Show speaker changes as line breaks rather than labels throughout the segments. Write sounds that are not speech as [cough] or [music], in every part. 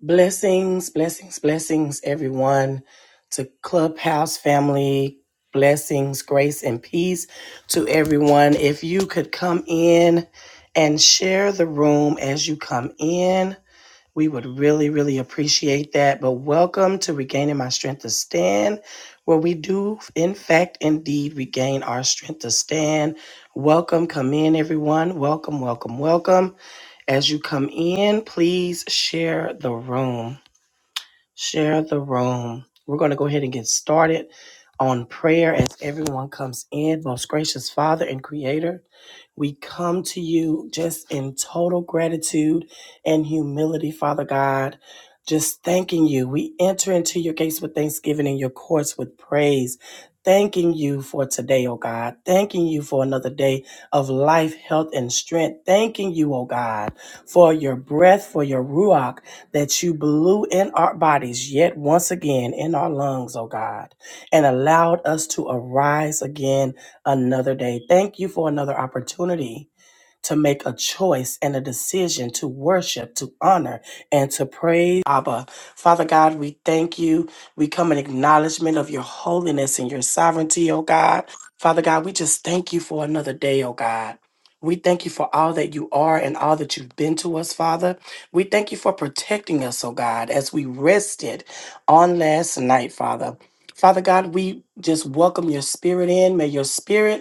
Blessings, blessings, blessings, everyone, to Clubhouse family. Blessings, grace, and peace to everyone. If you could come in and share the room as you come in, we would really, really appreciate that. But welcome to Regaining My Strength to Stand, where we do, in fact, indeed regain our strength to stand. Welcome, come in, everyone. Welcome, welcome, welcome. As you come in, please share the room. Share the room. We're going to go ahead and get started on prayer as everyone comes in. Most gracious Father and Creator. We come to you just in total gratitude and humility, Father God. Just thanking you. We enter into your gates with thanksgiving and your courts with praise. Thanking you for today, oh God. Thanking you for another day of life, health, and strength. Thanking you, oh God, for your breath, for your ruach that you blew in our bodies yet once again in our lungs, oh God, and allowed us to arise again another day. Thank you for another opportunity to make a choice and a decision to worship, to honor, and to praise Abba. Father God, we thank you. We come in acknowledgement of your holiness and your sovereignty, oh God. Father God, we just thank you for another day, oh God. We thank you for all that you are and all that you've been to us, Father. We thank you for protecting us, oh God, as we rested on last night, Father. Father God, we just welcome your spirit in. May your spirit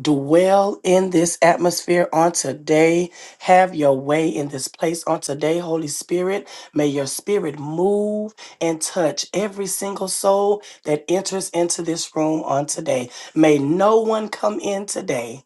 dwell in this atmosphere on today. Have your way in this place on today, Holy Spirit. May your spirit move and touch every single soul that enters into this room on today. May no one come in today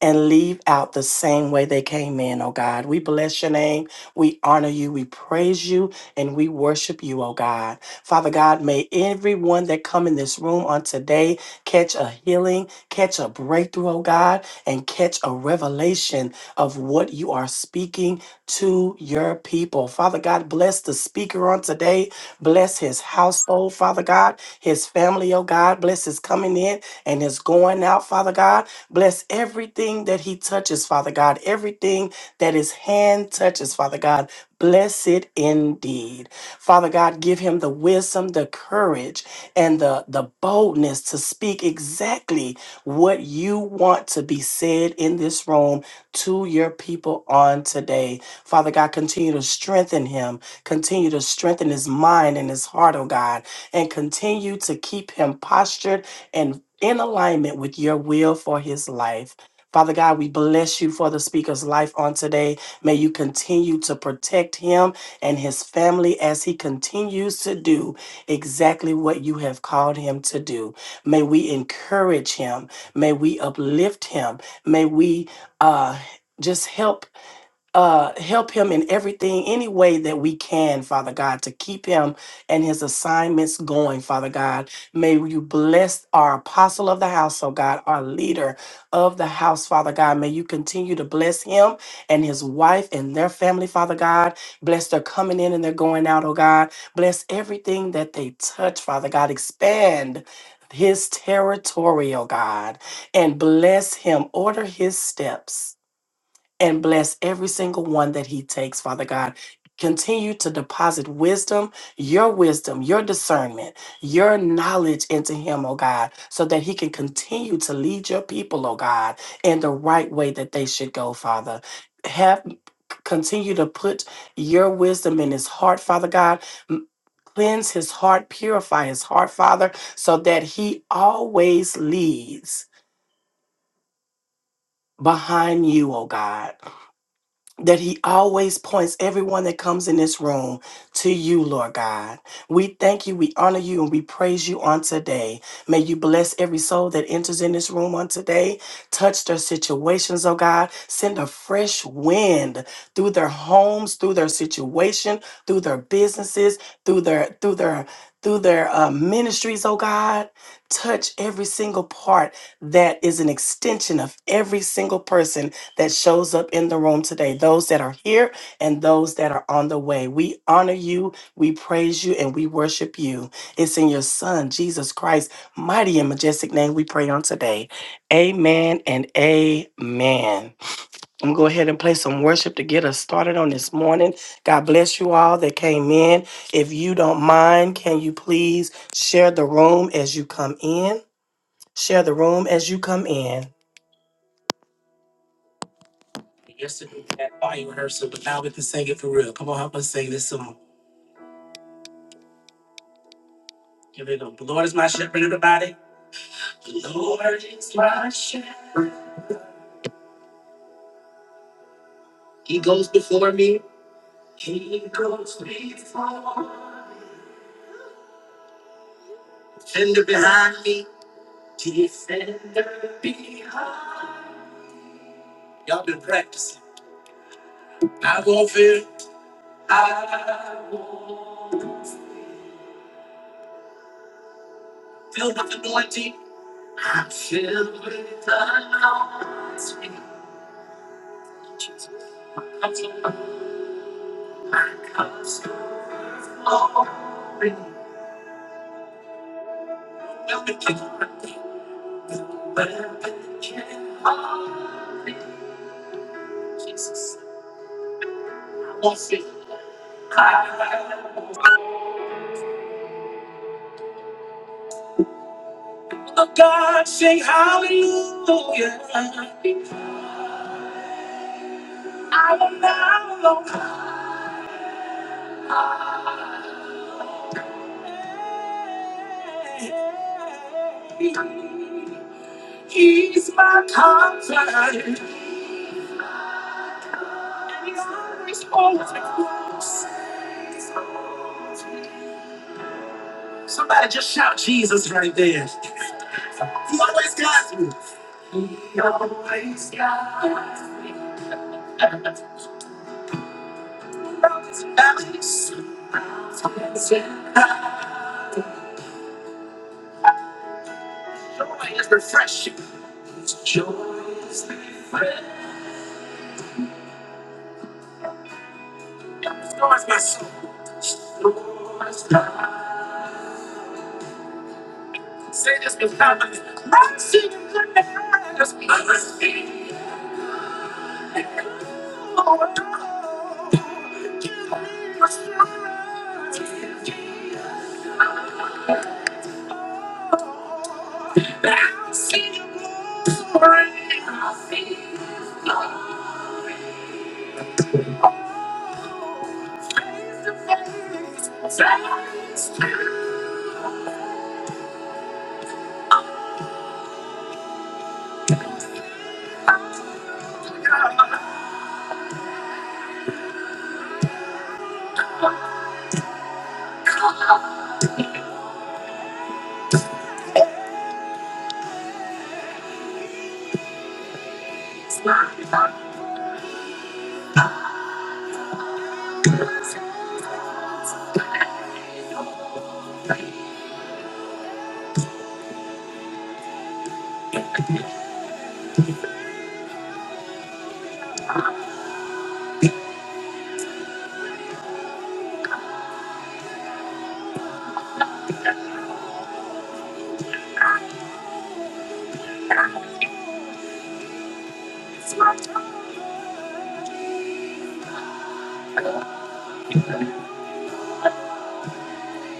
and leave out the same way they came in, oh God. We bless your name. We honor you. We praise you and we worship you, oh God. Father God, may everyone that come in this room on today catch a healing, catch a breakthrough, oh God, and catch a revelation of what you are speaking to your people. Father God, bless the speaker on today. Bless his household, Father God, his family, oh God. Bless his coming in and his going out, Father God. Bless everything that he touches, Father God. Everything that his hand touches, Father God. Bless it indeed. Father God, give him the wisdom, the courage, and the, the boldness to speak exactly what you want to be said in this room to your people on today. Father God, continue to strengthen him. Continue to strengthen his mind and his heart, oh God, and continue to keep him postured and in alignment with your will for his life. Father God, we bless you for the speaker's life on today. May you continue to protect him and his family as he continues to do exactly what you have called him to do. May we encourage him. May we uplift him. May we uh, just help uh, help him in everything, any way that we can, Father God, to keep him and his assignments going, Father God. May you bless our apostle of the house, oh God, our leader of the house, Father God. May you continue to bless him and his wife and their family, Father God. Bless their coming in and their going out, oh God. Bless everything that they touch, Father God. Expand. His territory, oh God, and bless him. Order his steps and bless every single one that he takes, Father God. Continue to deposit wisdom, your wisdom, your discernment, your knowledge into him, oh God, so that he can continue to lead your people, oh God, in the right way that they should go, Father. Have continue to put your wisdom in his heart, Father God. M- Cleanse his heart, purify his heart, Father, so that he always leads behind you, oh God that he always points everyone that comes in this room to you, Lord God. We thank you, we honor you, and we praise you on today. May you bless every soul that enters in this room on today. Touch their situations, oh God. Send a fresh wind through their homes, through their situation, through their businesses, through their through their through their uh, ministries, oh God. Touch every single part that is an extension of every single person that shows up in the room today, those that are here and those that are on the way. We honor you, we praise you, and we worship you. It's in your Son, Jesus Christ, mighty and majestic name we pray on today. Amen and amen. I'm going to go ahead and play some worship to get us started on this morning. God bless you all that came in. If you don't mind, can you please share the room as you come in? Share the room as you come in. Yesterday we had choir rehearsal, but now we can sing it for real. Come on, help us sing this song. Give it up. The Lord is my shepherd, everybody. The Lord is my shepherd. He goes before me. He goes before me. Defender behind me. Defender behind. Y'all been practicing. I won't fear. I won't. fear. Filled with anointing. I'm filled with anointing. Jesus. Oh God, sing hallelujah. I will not alone. He's my comfort. he's always, always been close. Somebody just shout Jesus right there. He always got you. He always got me. Mountains and valleys. mountains and valleys. Joy is refreshing. Joy is refreshing. Joy is my soul. Joy is mine. Say this with confidence. I'm singing praise. I'm singing praise. Oh, oh, give me a strength. I'm singing glory. I'm singing glory. Face to face. Face to face. It's my time. It's my time.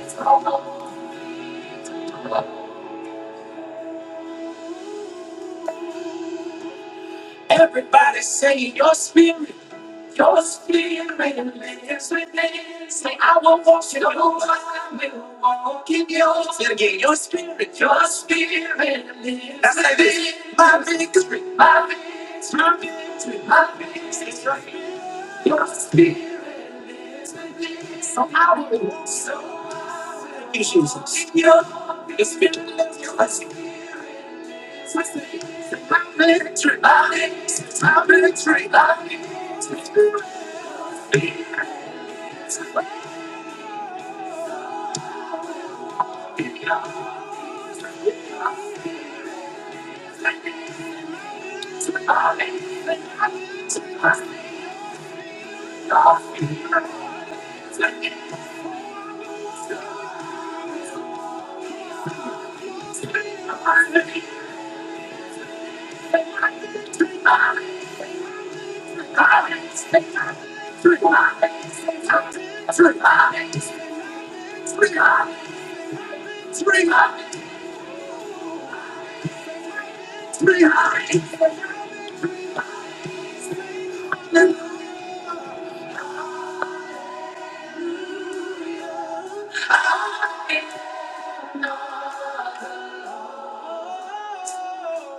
It's my time. Everybody say your spirit, your spirit lives within. Say I will walk in the Lord, I will walk in yours. Say it again, your spirit, your spirit lives Now say this, within. My victory, my victory, my victory, my victory. is right Your spirit is within. So I will walk so. Thank you, Jesus. In your spirit lives within.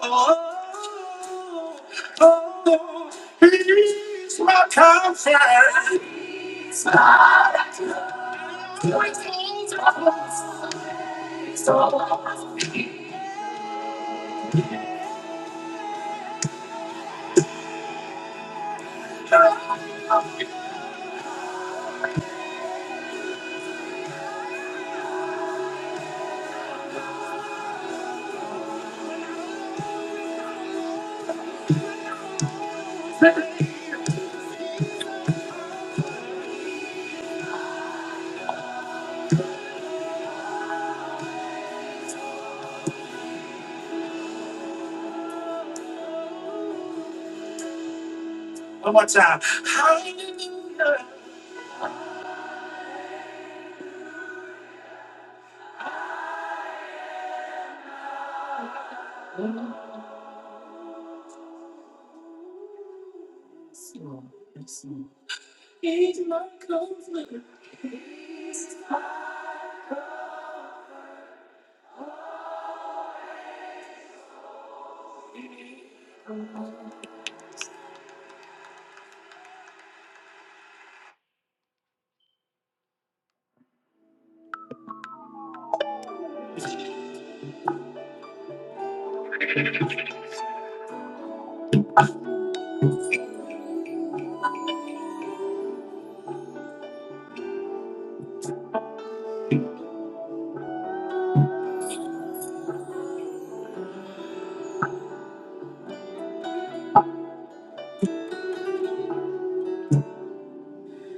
Oh, oh, oh, he's my comfort. One more time. He's my comfort.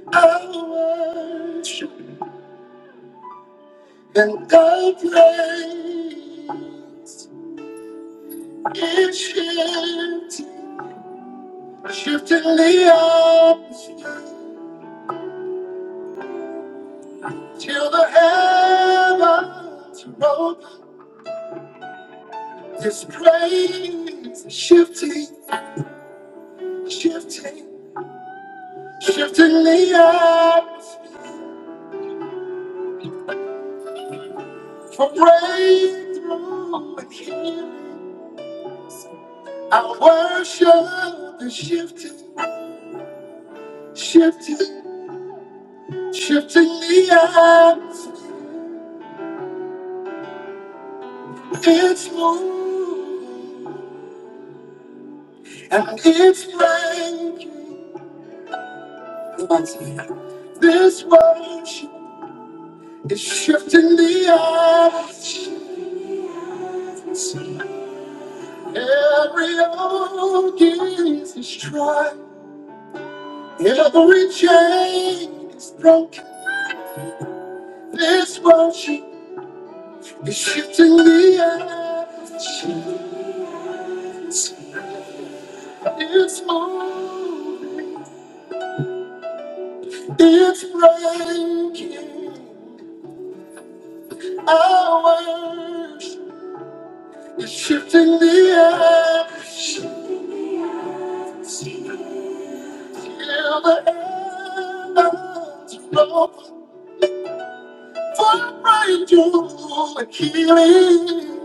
I worship and I praise. It's him Shifting the ocean till the heavens roll. This praise is shifting, shifting, shifting the atmosphere for breakthrough and healing. Our worship is shifting, shifting, shifting the atmosphere. It's moving and it's breaking. This worship. It's shifting the odds. Every yoke is destroyed. Every chain is broken. This worship is shifting the odds. It's moving. It's breaking. our Hours. It's shifting the edge. Shifting the edge. Lord, what I do and healing.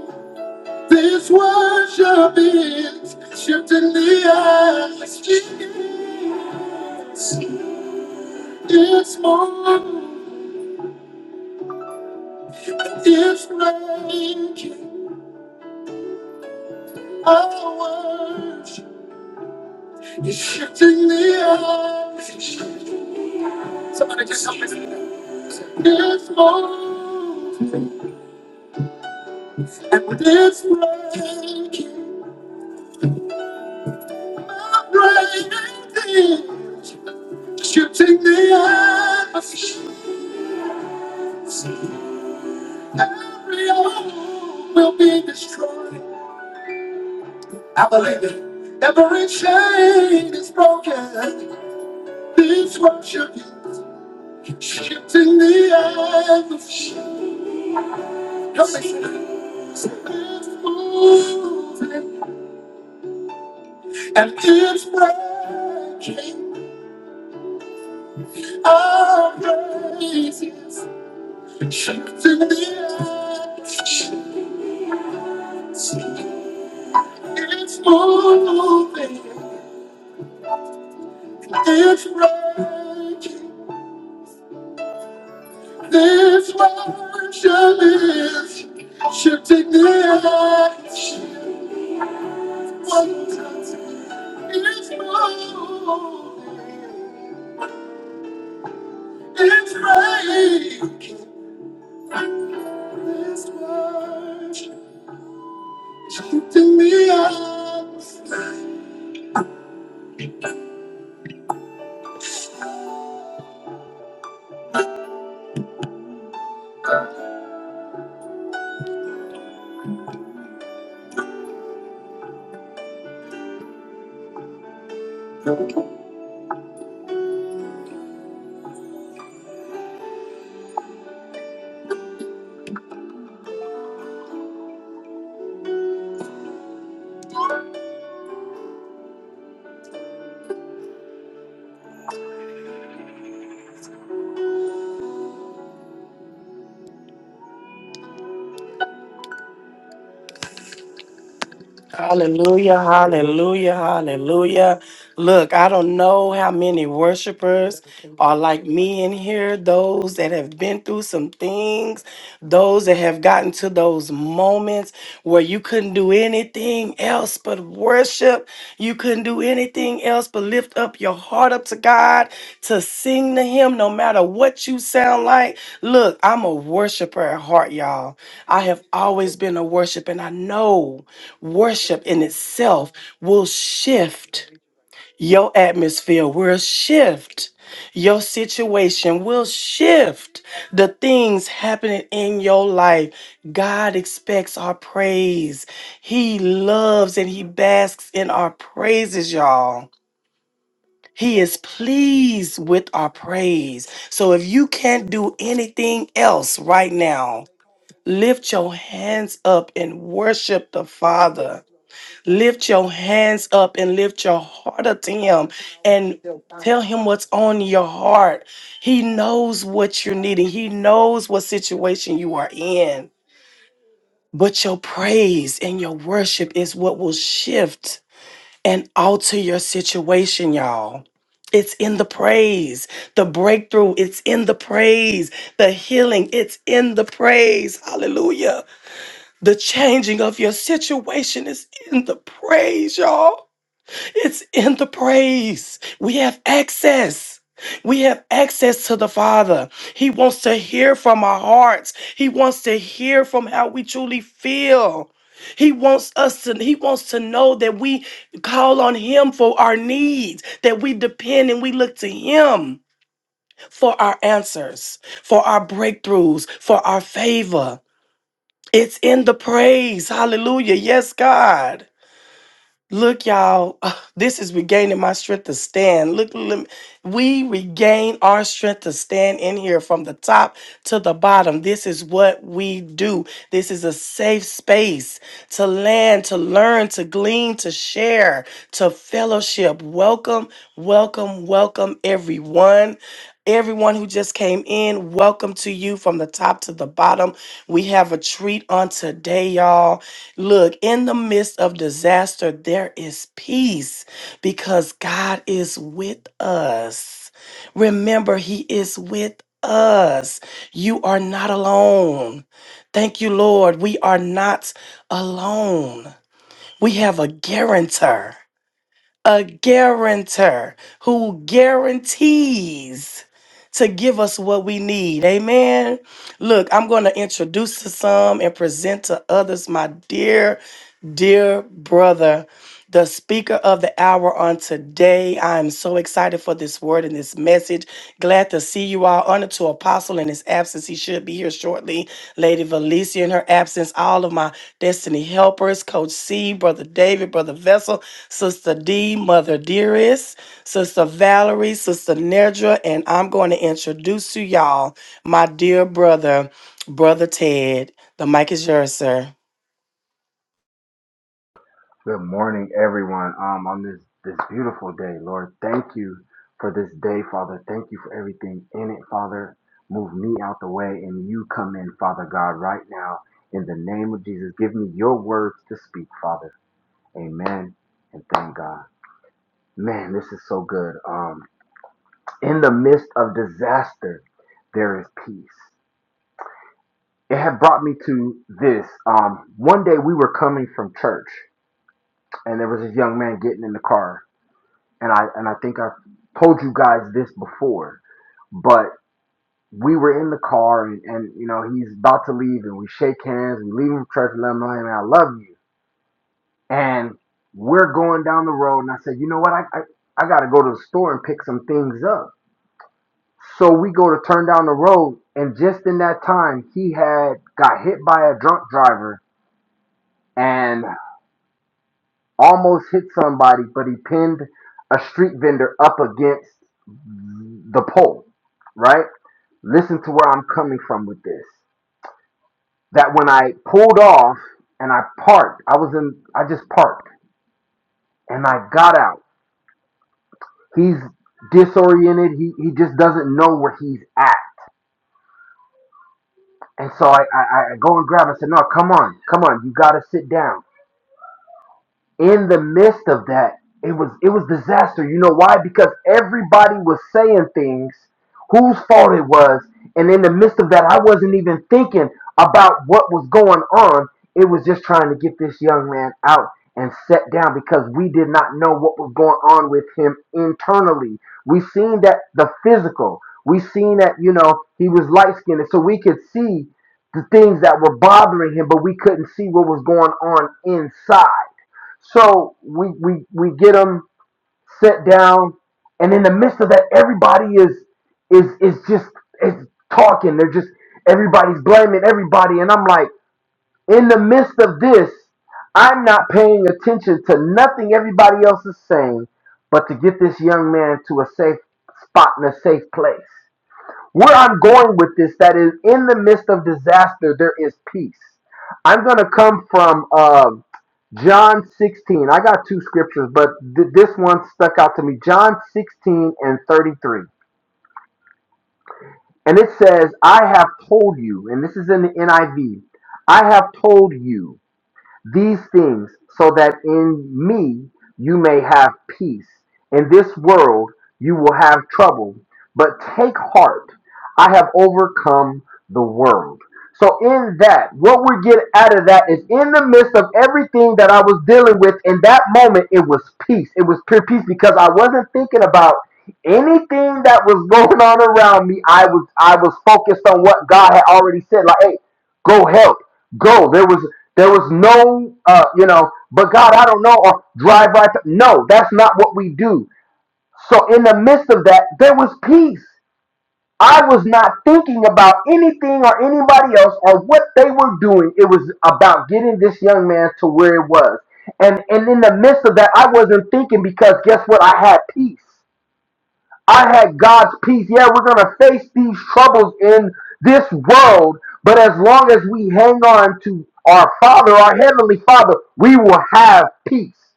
This worship is shifting the edge. It's more. It's breaking our world. It's shifting the up. Somebody just help me. It's more. And with its breaking, my brain is shifting the up. Every hour will be destroyed. I believe it. Every chain is broken. This worship is shifting the atmosphere. Help me. And it's breaking our praises. Shake to the earth. It's moving. It's breaking. This worship is shifting this one is moving. It's breaking. This worship shifting me up. Hallelujah, hallelujah, hallelujah. Look, I don't know how many worshipers are like me in here, those that have been through some things, those that have gotten to those moments where you couldn't do anything else but worship worship. You couldn't do anything else but lift up your heart up to God to sing to Him no matter what you sound like. Look, I'm a worshiper at heart, y'all. I have always been a worshiper, and I know worship in itself will shift. Your atmosphere will shift. Your situation will shift. The things happening in your life, God expects our praise. He loves and He basks in our praises, y'all. He is pleased with our praise. So if you can't do anything else right now, lift your hands up and worship the Father. Lift your hands up and lift your heart up to Him and tell Him what's on your heart. He knows what you're needing, He knows what situation you are in. But your praise and your worship is what will shift and alter your situation, y'all. It's in the praise. The breakthrough, it's in the praise. The healing, it's in the praise. Hallelujah. The changing of your situation is in the praise, y'all. It's in the praise. We have access. We have access to the Father. He wants to hear from our hearts. He wants to hear from how we truly feel. He wants us to he wants to know that we call on him for our needs, that we depend and we look to him for our answers, for our breakthroughs, for our favor. It's in the praise. Hallelujah. Yes, God. Look, y'all, [sighs] this is regaining my strength to stand. Look, lem- we regain our strength to stand in here from the top to the bottom. This is what we do. This is a safe space to land, to learn, to glean, to share, to fellowship. Welcome, welcome, welcome, everyone. Everyone who just came in, welcome to you from the top to the bottom. We have a treat on today, y'all. Look, in the midst of disaster, there is peace because God is with us. Remember, He is with us. You are not alone. Thank you, Lord. We are not alone. We have a guarantor a guarantor who guarantees to give us what we need. Amen. Look, I'm going to introduce to some and present to others my dear, dear brother the speaker of the hour on today. I am so excited for this word and this message. Glad to see you all. Honor to Apostle in his absence. He should be here shortly. Lady Valencia in her absence. All of my destiny helpers, Coach C, Brother David, Brother Vessel, Sister D, Mother Dearest, Sister Valerie, Sister Nedra, and I'm going to introduce to y'all my dear brother, Brother Ted. The mic is yours, sir.
Good morning, everyone. Um, on this this beautiful day, Lord, thank you for this day, Father. Thank you for everything in it, Father. Move me out the way, and you come in, Father God, right now. In the name of Jesus, give me your words to speak, Father. Amen. And thank God. Man, this is so good. Um, in the midst of disaster, there is peace. It had brought me to this. Um, one day we were coming from church, and there was this young man getting in the car and I and I think I've told you guys this before, but we were in the car and, and you know he's about to leave and we shake hands we leave him for church and let him know hey, man I love you and we're going down the road and I said you know what I I, I got to go to the store and pick some things up so we go to turn down the road and just in that time he had got hit by a drunk driver and almost hit somebody, but he pinned a street vendor up against the pole, right? Listen to where I'm coming from with this. That when I pulled off and I parked, I was in, I just parked and I got out. He's disoriented. He, he just doesn't know where he's at. And so I, I, I go and grab him. I said, no, come on, come on. You got to sit down. in the midst of that, it was it was disaster. You know why? Because everybody was saying things whose fault it was, and in the midst of that, I wasn't even thinking about what was going on. It was just trying to get this young man out and set down because we did not know what was going on with him internally. We seen that the physical, we seen that you know he was light skinned, so we could see the things that were bothering him, but we couldn't see what was going on inside. So we we we get them set down, and in the midst of that, everybody is is is just is talking. They're just everybody's blaming everybody, and I'm like, in the midst of this, I'm not paying attention to nothing everybody else is saying, but to get this young man to a safe spot in a safe place. Where I'm going with this, that is, in the midst of disaster, there is peace. I'm going to come from uh, John 16. I got two scriptures, but th- this one stuck out to me. John 16 and 33. And it says, I have told you, and this is in the NIV, I V, I have told you these things so that in me you may have peace. In this world you will have trouble, but take heart. I have overcome the world. So in that, what we get out of that is in the midst of everything that I was dealing with in that moment, it was peace. It was pure peace because I wasn't thinking about anything that was [laughs] going on around me. I was I was focused on what God had already said. Like, hey, go help go there was there was no uh you know but god i don't know or drive right th- no that's not what we do so in the midst of that there was peace i was not thinking about anything or anybody else or what they were doing it was about getting this young man to where it was and and in the midst of that i wasn't thinking because guess what i had peace I had God's peace. Yeah, we're going to face these troubles in this world, but as long as we hang on to our Father, our Heavenly Father, we will have peace.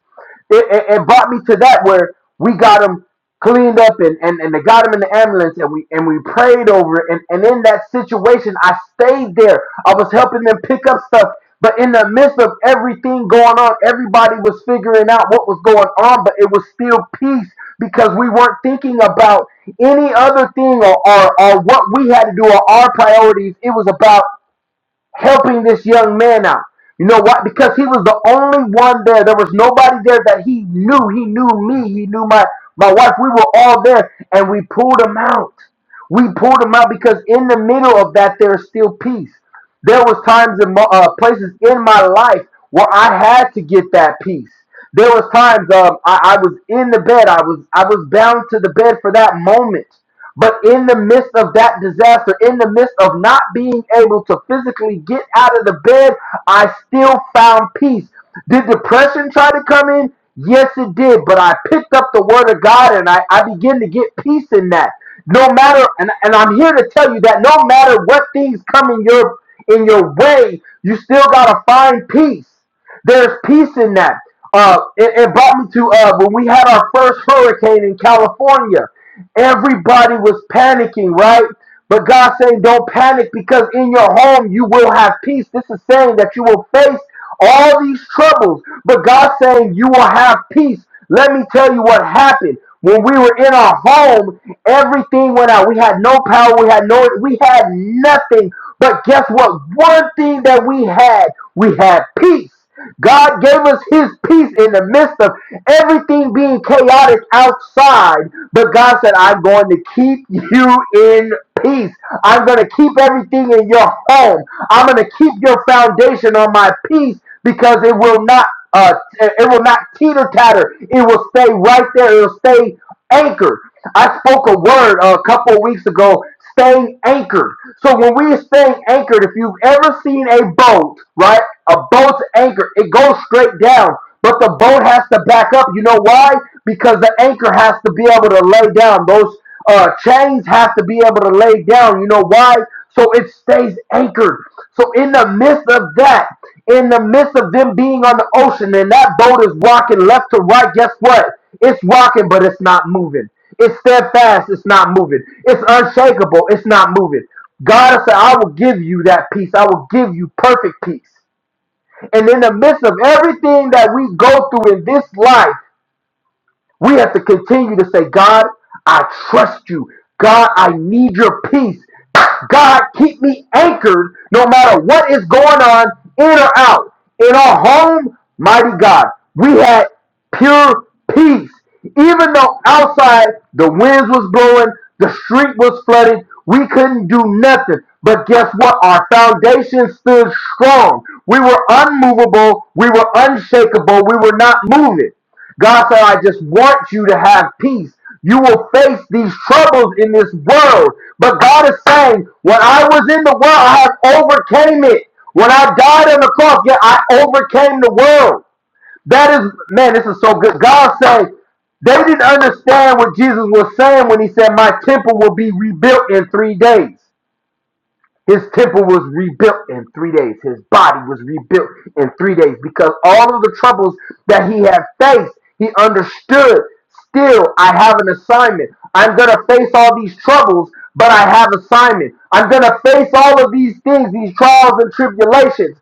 It, it, it brought me to that where we got him cleaned up and, and, and they got him in the ambulance and we and we prayed over it. And, and in that situation, I stayed there. I was helping them pick up stuff. But in the midst of everything going on, everybody was figuring out what was going on, but it was still peace because we weren't thinking about any other thing or, or, or what we had to do or our priorities. It was about helping this young man out. You know what? Because he was the only one there. There was nobody there that he knew. He knew me. He knew my my wife. We were all there, and we pulled him out. We pulled them out because in the middle of that, there is still peace. There was times and uh, places in my life where I had to get that peace. There was times um, I, I was in the bed. I was I was bound to the bed for that moment. But in the midst of that disaster, in the midst of not being able to physically get out of the bed, I still found peace. Did depression try to come in? Yes, it did. But I picked up the word of God and I, I began to get peace in that. No matter, and, and I'm here to tell you that no matter what things come in your in your way, you still gotta find peace. There's peace in that. Uh, it, it brought me to uh, when we had our first hurricane in California. Everybody was panicking, right? But God saying, don't panic because in your home you will have peace. This is saying that you will face all these troubles. But God saying, You will have peace. Let me tell you what happened. When we were in our home, everything went out. We had no power. We had no, we had nothing. But guess what? One thing that we had, we had peace. God gave us his peace in the midst of everything being chaotic outside. But God said, I'm going to keep you in peace. I'm going to keep everything in your home. I'm going to keep your foundation on my peace because it will not uh, it will not teeter tatter. It will stay right there. It will stay anchored. I spoke a word uh, a couple of weeks ago, staying anchored. So when we are staying anchored, if you've ever seen a boat, right? A boat's anchor, it goes straight down, but the boat has to back up. You know why? Because the anchor has to be able to lay down. Those uh, chains have to be able to lay down. You know why? So it stays anchored. So in the midst of that, in the midst of them being on the ocean and that boat is rocking left to right, guess what? It's rocking, but it's not moving. It's steadfast, it's not moving. It's unshakable, it's not moving. God said, I will give you that peace. I will give you perfect peace. And in the midst of everything that we go through in this life, we have to continue to say, God, I trust you. God, I need your peace. God, keep me anchored no matter what is going on in or out. In our home, mighty God, we had pure peace. Even though outside the winds was blowing, the street was flooded, we couldn't do nothing. But guess what? Our foundation stood strong. We were unmovable. We were unshakable. We were not moving. God said, I just want you to have peace. You will face these troubles in this world. But God is saying, when I was in the world, I have overcame it. When I died on the cross, yeah, I overcame the world. That is, man, this is so good. God saying, they didn't understand what Jesus was saying when he said, my temple will be rebuilt in three days. His temple was rebuilt in three days. His body was rebuilt in three days because all of the troubles that he had faced, he understood. Still, I have an assignment. I'm going to face all these troubles, but I have assignment. I'm going to face all of these things, these trials and tribulations,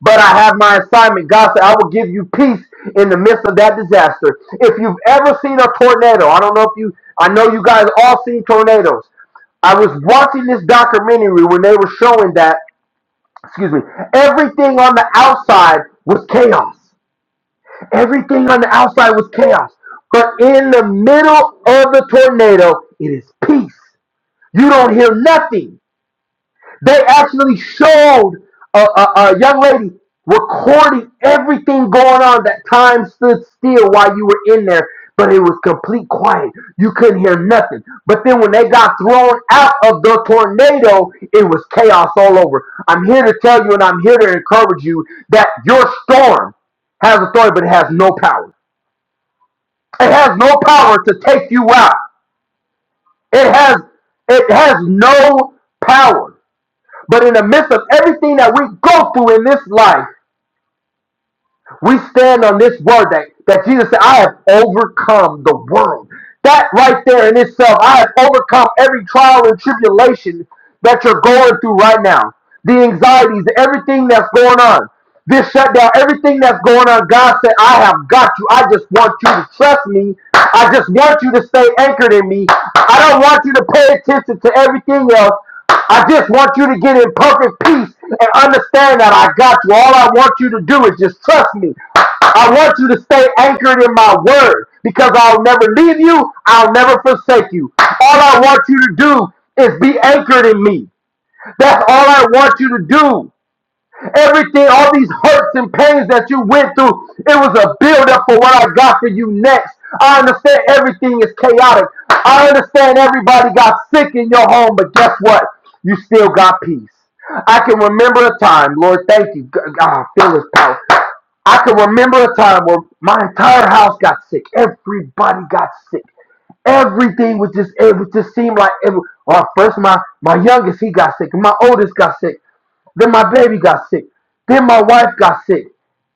but I have my assignment. God said, I will give you peace in the midst of that disaster. If you've ever seen a tornado, I don't know if you, I know you guys all seen tornadoes. I was watching this documentary when they were showing that, excuse me, everything on the outside was chaos. Everything on the outside was chaos. But in the middle of the tornado, it is peace. You don't hear nothing. They actually showed a, a, a young lady recording everything going on that time stood still while you were in there, but it was complete quiet. You couldn't hear nothing. But then when they got thrown out of the tornado, it was chaos all over. I'm here to tell you and I'm here to encourage you that your storm has authority, but it has no power. It has no power to take you out. It has it has no power. But in the midst of everything that we go through in this life, we stand on this word that, that Jesus said, I have overcome the world. That right there in itself, I have overcome every trial and tribulation that you're going through right now. The anxieties, everything that's going on, this shutdown, everything that's going on. God said, I have got you. I just want you to trust me. I just want you to stay anchored in me. I don't want you to pay attention to everything else. I just want you to get in perfect peace and understand that I got you. All I want you to do is just trust me. I want you to stay anchored in my word because I'll never leave you. I'll never forsake you. All I want you to do is be anchored in me. That's all I want you to do. Everything, all these hurts and pains that you went through, it was a buildup for what I got for you next. I understand everything is chaotic. I understand everybody got sick in your home, but guess what? You still got peace. I can remember a time, Lord, thank you. God, I feel his power. I can remember a time where my entire house got sick. Everybody got sick everything was just it would just seem like it was, well, first my my youngest he got sick my oldest got sick then my baby got sick. Then my wife got sick.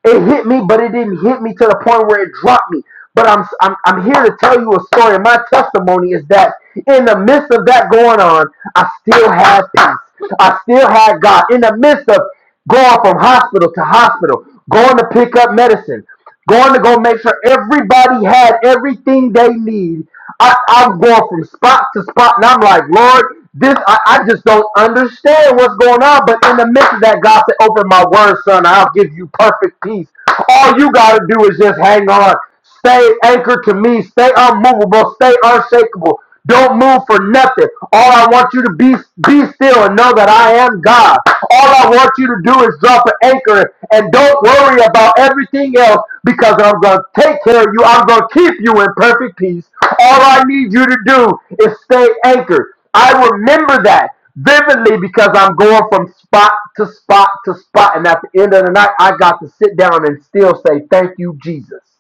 It hit me, but it didn't hit me to the point where it dropped me. But I'm, I'm, I'm here to tell you a story. And My testimony is that in the midst of that going on, I still had peace. I still had God. In the midst of going from hospital to hospital, going to pick up medicine, Going to go make sure everybody had everything they need. I, I'm going from spot to spot, and I'm like, Lord, this I, I just don't understand what's going on. But in the midst of that, God said, "Open my word, son. I'll give you perfect peace. All you gotta do is just hang on." Stay anchored to me. Stay unmovable. Stay unshakable. Don't move for nothing. All I want you to be be still and know that I am God. All I want you to do is drop an anchor and don't worry about everything else because I'm going to take care of you. I'm going to keep you in perfect peace. All I need you to do is stay anchored. I remember that vividly because I'm going from spot to spot to spot. And at the end of the night, I got to sit down and still say, Thank you, Jesus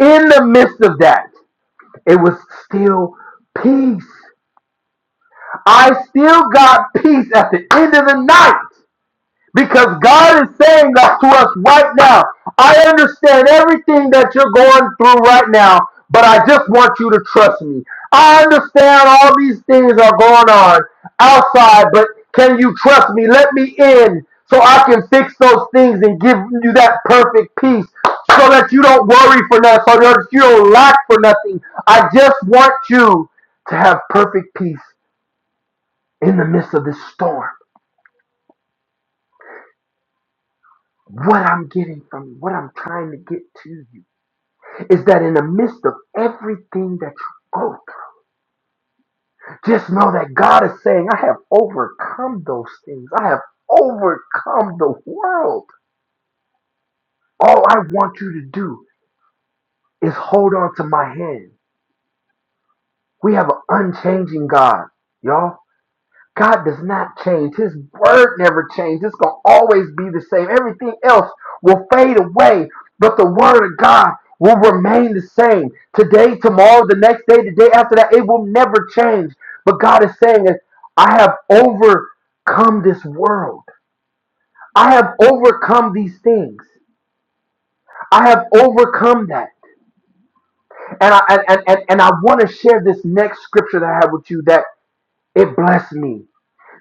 in the midst of that, it was still peace. I still got peace at the end of the night. Because God is saying that to us right now. I understand everything that you're going through right now, but I just want you to trust me. I understand all these things are going on outside, but can you trust me? Let me in so I can fix those things and give you that perfect peace so that you don't worry for nothing, so that you don't lack for nothing. I just want you to have perfect peace in the midst of this storm. What I'm getting from you, what I'm trying to get to you, is that in the midst of everything that you go through, just know that God is saying, I have overcome those things. I have overcome the world. All I want you to do is hold on to my hand. We have an unchanging God, y'all. God does not change. His word never changes. It's going to always be the same. Everything else will fade away, but the word of God will remain the same. Today, tomorrow, the next day, the day after that, it will never change. But God is saying I have overcome this world. I have overcome these things. I have overcome that. And I and, and and I want to share this next scripture that I have with you that it blessed me.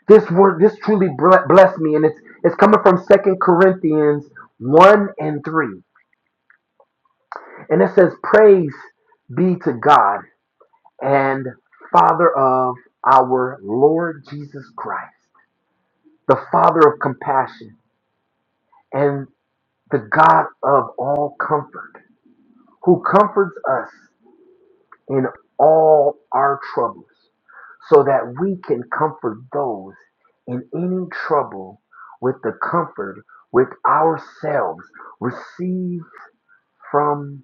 This word, this truly blessed me, and it's it's coming from Second Corinthians one and three, and it says, "Praise be to God and Father of our Lord Jesus Christ, the Father of compassion and the God of all comfort, who comforts us in all our troubles, so that we can comfort those in any trouble with the comfort which ourselves receive from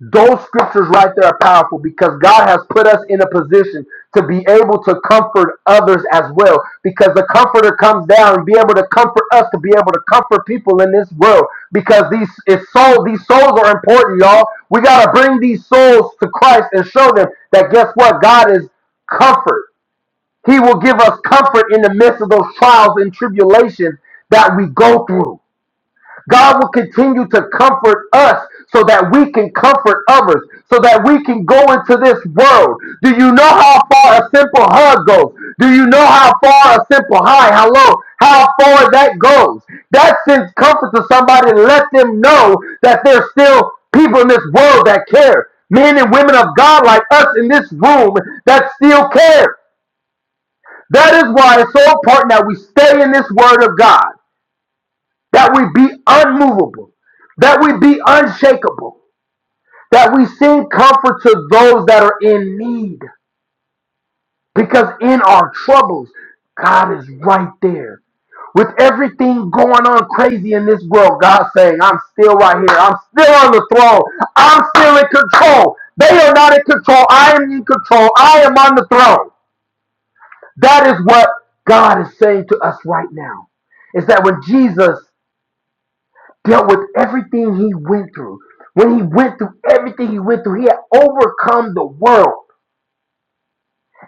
those scriptures right there are powerful because God has put us in a position to be able to comfort others as well because the comforter comes down and be able to comfort us to be able to comfort people in this world because these it's soul these souls are important y'all we got to bring these souls to Christ and show them that guess what God is comfort He will give us comfort in the midst of those trials and tribulations that we go through. God will continue to comfort us so that we can comfort others, so that we can go into this world. Do you know how far a simple hug goes? Do you know how far a simple hi, hello, how far that goes? That sends comfort to somebody and let them know that there's still people in this world that care. Men and women of God like us in this room that still care. That is why it's so important that we stay in this word of God, that we be unmovable, that we be unshakable, that we sing comfort to those that are in need. Because in our troubles, God is right there. With everything going on crazy in this world, God saying, I'm still right here. I'm still on the throne. I'm still in control. They are not in control. I am in control. I am on the throne. That is what God is saying to us right now. Is that when Jesus dealt with everything he went through, when he went through everything he went through, he had overcome the world.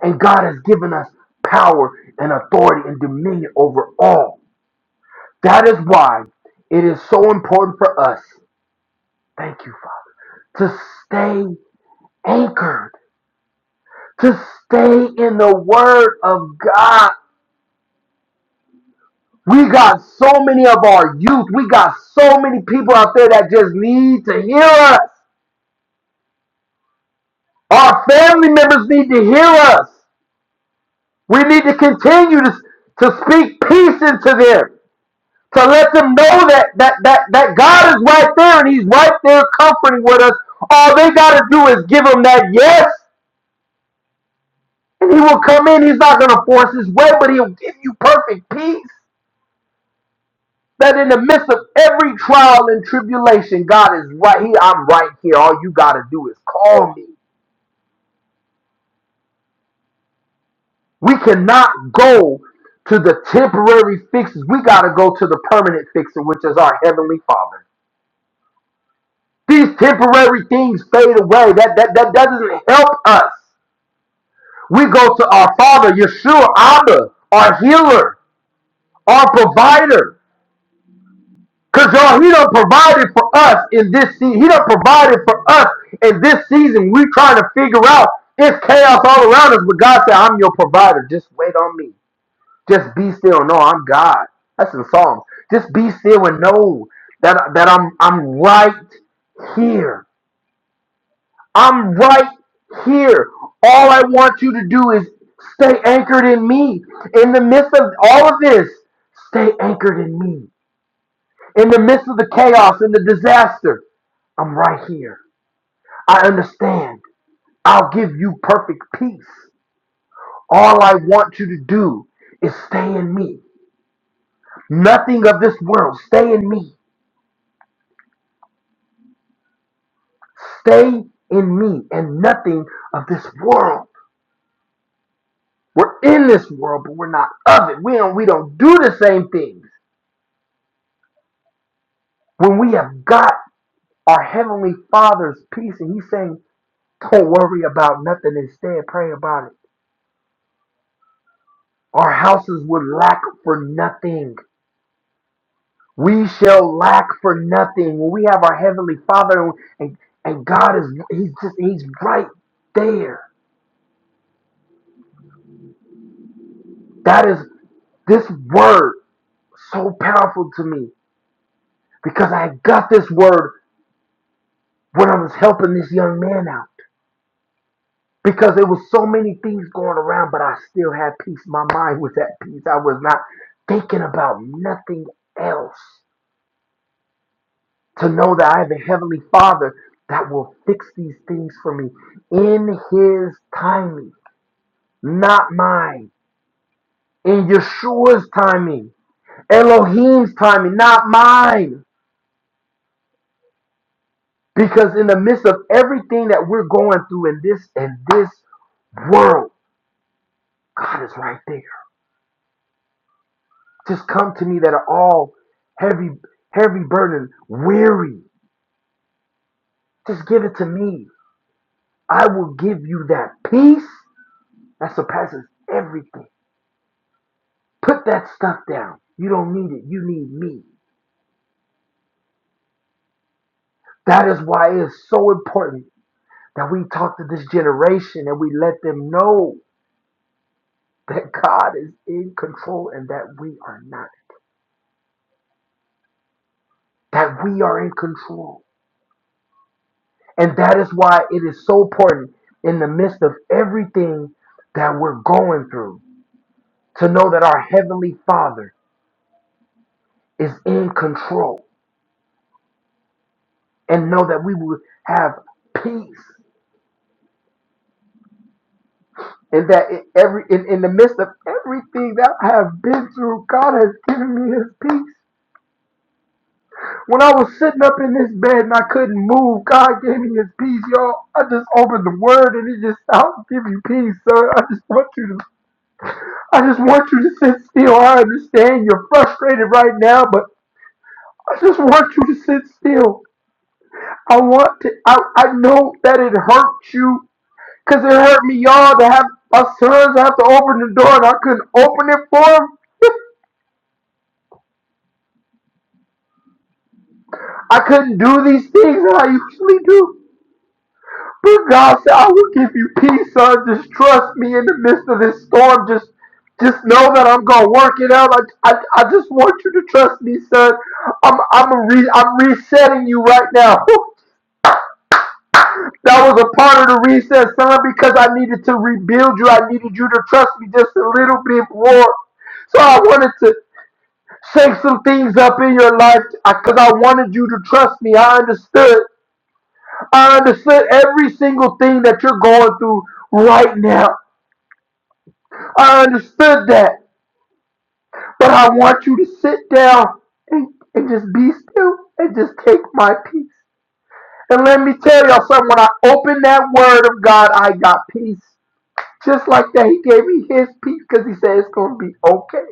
And God has given us power and authority and dominion over all. That is why it is so important for us, thank you, Father, to stay anchored, to stay in the Word of God We got so many of our youth. We got so many people out there that just need to hear us. Our family members need to hear us. We need to continue to, to speak peace into them, to let them know that, that, that, that God is right there and He's right there comforting with us. All they got to do is give Him that yes, and He will come in. He's not going to force His way, but He'll give you perfect peace. That in the midst of every trial and tribulation, God is right here. I'm right here. All you got to do is call me. We cannot go to the temporary fixes. We got to go to the permanent fixer, which is our Heavenly Father. These temporary things fade away. That, that, that, that doesn't help us. We go to our Father, Yeshua, Abba, our healer, our provider. Cause y'all, he done provided for us in this season. He done provided for us in this season. We trying to figure out it's chaos all around us, but God said, "I'm your provider. Just wait on me. Just be still. No, I'm God." That's in Psalms. Just be still and know that that I'm I'm right here. I'm right here. All I want you to do is stay anchored in me. In the midst of all of this, stay anchored in me. In the midst of the chaos and the disaster. I'm right here. I understand. I'll give you perfect peace. All I want you to do is stay in me. Nothing of this world. Stay in me. Stay in me and nothing of this world. We're in this world, but we're not of it. We don't, we don't do the same things. When we have got our Heavenly Father's peace, and He's saying, Don't worry about nothing, instead, pray about it. Our houses would lack for nothing. We shall lack for nothing when we have our heavenly Father and and God is he's just he's right there. That is this word so powerful to me because I got this word when I was helping this young man out because there was so many things going around, but I still had peace. My mind was at peace. I was not thinking about nothing else. To know that I have a heavenly Father that will fix these things for me in His timing. not mine. In Yeshua's timing, Elohim's timing, not mine. Because in the midst of everything that we're going through in this in this world, God is right there. Just come to me that are all heavy, heavy burden, weary. Just give it to me. I will give you that peace that surpasses everything. Put that stuff down. You don't need it. You need me. That is why it is so important That we talk to this generation and we let them know that God is in control and that we are not. That we are in control. And that is why it is so important in the midst of everything that we're going through to know that our Heavenly Father is in control and know that we will have peace and that in every in, in the midst of everything that I have been through, God has given me his peace. When I was sitting up in this bed and I couldn't move, God gave me his peace, y'all. I just opened the word and it just I'll give you peace, sir. I just want you to I just want you to sit still. I understand you're frustrated right now, but I just want you to sit still. I want to I, I know that it hurt you because it hurt me, y'all, to have my sons have to open the door and I couldn't open it for them. [laughs] I couldn't do these things that I usually do. But God said, I will give you peace, son. Just trust me in the midst of this storm. Just just know that I'm gonna work it out. I, I, I just want you to trust me, son. I'm I'm a re, I'm resetting you right now. [laughs] That was a part of the reset, son, because I needed to rebuild you. I needed you to trust me just a little bit more. So I wanted to shake some things up in your life because I wanted you to trust me. I understood. I understood every single thing that you're going through right now. I understood that. But I want you to sit down and, and just be still and just take my peace. And let me tell y'all something, when I opened that word of God, I got peace. Just like that, he gave me his peace because he said it's going to be okay.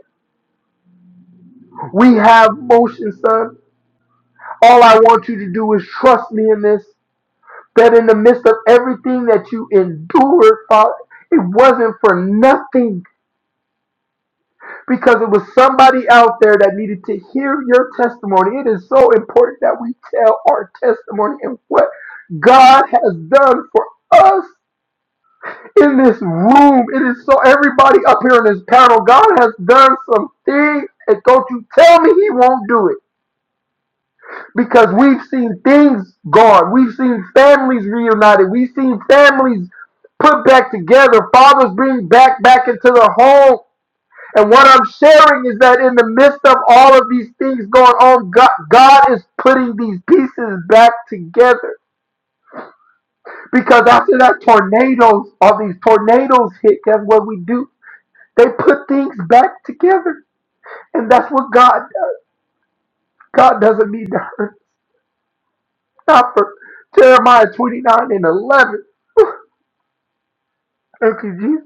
We have motion, son. All I want you to do is trust me in this, that in the midst of everything that you endured, Father, it wasn't for nothing. because it was somebody out there that needed to hear your testimony. It is so important that we tell our testimony and what God has done for us in this room. It is so everybody up here in this panel, God has done some things, and don't you tell me He won't do it. Because we've seen things gone, we've seen families reunited, we've seen families put back together, fathers being back back into the home and what I'm sharing is that in the midst of all of these things going on, God, God is putting these pieces back together. Because after that tornadoes, all these tornadoes hit, that's what we do. They put things back together. And that's what God does. God doesn't need to hurt. Not for Jeremiah 29 and 11. [laughs] Thank you, Jesus.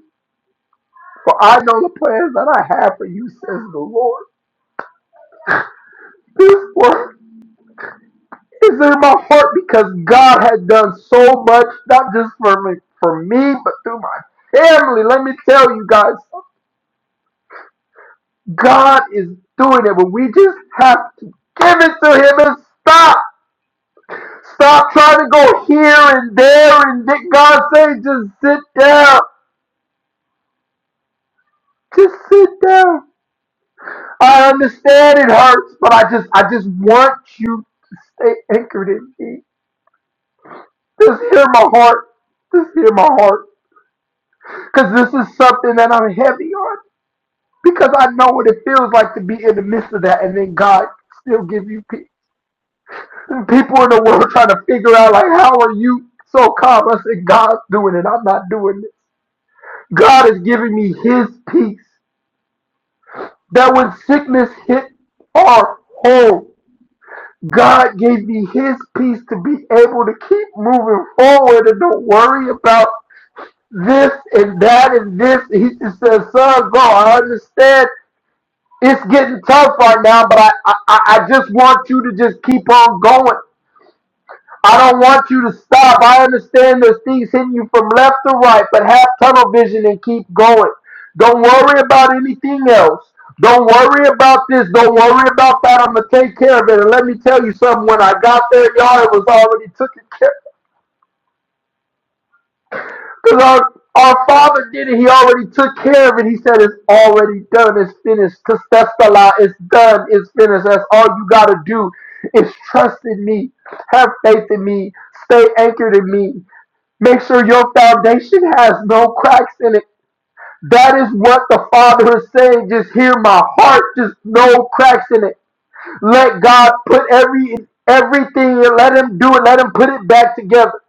For I know the plans that I have for you, says the Lord. This word It's in my heart because God had done so much, not just for me, for me, but through my family. Let me tell you guys, God is doing it, but we just have to give it to Him and stop. Stop trying to go here and there and did God say just sit down. Just sit down. I understand it hurts, but I just I just want you to stay anchored in me. Just hear my heart. Just hear my heart. Because this is something that I'm heavy on. Because I know what it feels like to be in the midst of that, and then God still give you peace. And People in the world [laughs] trying to figure out like, how are you so calm? I said, God's doing it. I'm not doing it. God is giving me His peace. That when sickness hit our home, God gave me His peace to be able to keep moving forward and don't worry about this and that and this. He just says, son, go. I understand it's getting tough right now, but I, I, I just want you to just keep on going. I don't want you to stop. I understand there's things hitting you from left to right, but have tunnel vision and keep going. Don't worry about anything else. Don't worry about this. Don't worry about that. I'm gonna take care of it. And let me tell you something. When I got there, y'all, it was already taken care. Because our, our Father did it. He already took care of it. He said it's already done. It's finished. Testestala. It's done. It's finished. That's all you got to do is trust in me. Have faith in me. Stay anchored in me. Make sure your foundation has no cracks in it. That is what the Father is saying. Just hear my heart. Just no cracks in it. Let God put every everything and let Him do it. Let Him put it back together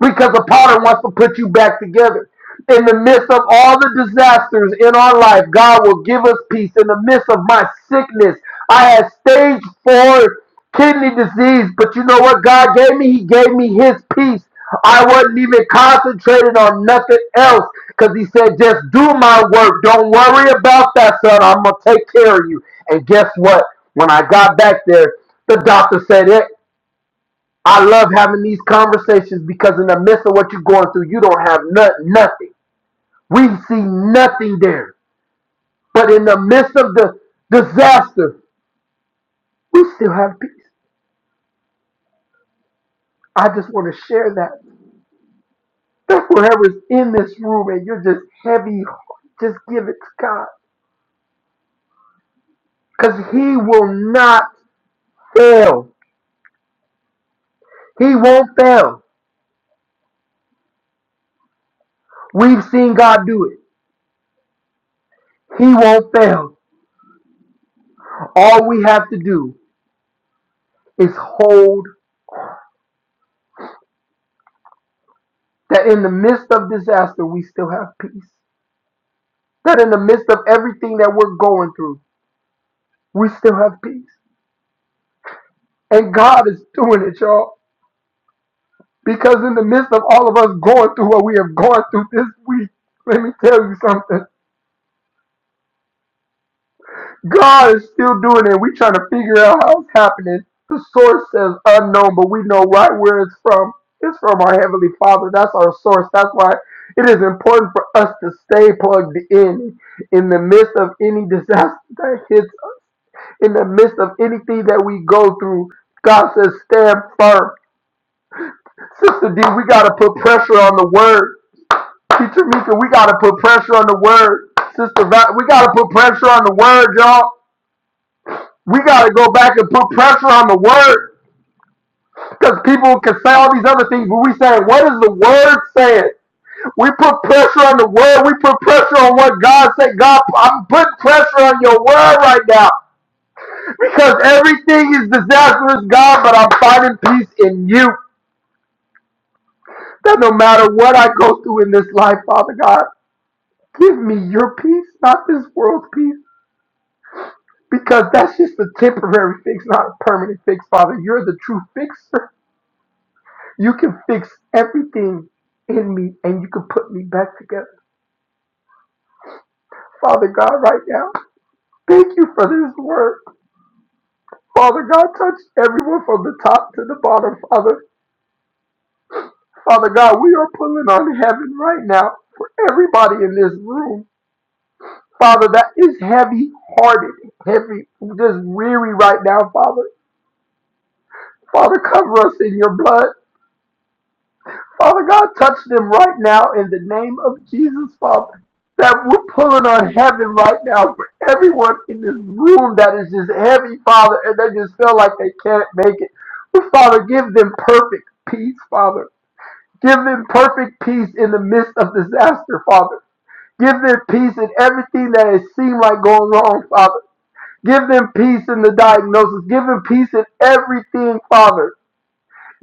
because the potter wants to put you back together. In the midst of all the disasters in our life, God will give us peace. In the midst of my sickness, I had stage four kidney disease, but you know what God gave me? He gave me His peace. I wasn't even concentrated on nothing else because He said, just do my work. Don't worry about that, son. I'm going to take care of you. And guess what? When I got back there, the doctor said it. I love having these conversations because in the midst of what you're going through, you don't have no- nothing. We see nothing there. But in the midst of the disaster, we still have peace. I just want to share that. That's whoever's in this room and you're just heavy, just give it to God. Because He will not fail. He won't fail. We've seen God do it. He won't fail. All we have to do is hold That in the midst of disaster, we still have peace. That in the midst of everything that we're going through, we still have peace. And God is doing it, y'all. Because in the midst of all of us going through what we have gone through this week, let me tell you something. God is still doing it. We're trying to figure out how it's happening. The source says unknown, but we know right where it's from. It's from our Heavenly Father. That's our source. That's why it is important for us to stay plugged in in the midst of any disaster that hits in the midst of anything that we go through. God says, stand firm. Sister D, we got to put pressure on the word. Teacher Mika, we got to put pressure on the word. Sister Va- we got to put pressure on the word, y'all. We got to go back and put pressure on the word. Because people can say all these other things, but we say, what is the word saying? We put pressure on the word. We put pressure on what God said. God, I'm putting pressure on your word right now because everything is disastrous, God, but I'm finding peace in you. That no matter what I go through in this life, Father God, give me your peace, not this world's peace. Because that's just a temporary fix, not a permanent fix, Father. You're the true fixer. You can fix everything in me and you can put me back together. Father God, right now, thank you for this word. Father God, touch everyone from the top to the bottom, Father. Father God, we are pulling on heaven right now for everybody in this room. Father, that is heavy hearted, heavy, just weary right now, Father. Father, cover us in your blood. Father God, touch them right now in the name of Jesus, Father. That we're pulling on heaven right now for everyone in this room that is just heavy, Father, and they just feel like they can't make it. But Father, give them perfect peace, Father. Give them perfect peace in the midst of disaster, Father. Give them peace in everything that has seemed like going wrong, Father. Give them peace in the diagnosis. Give them peace in everything, Father.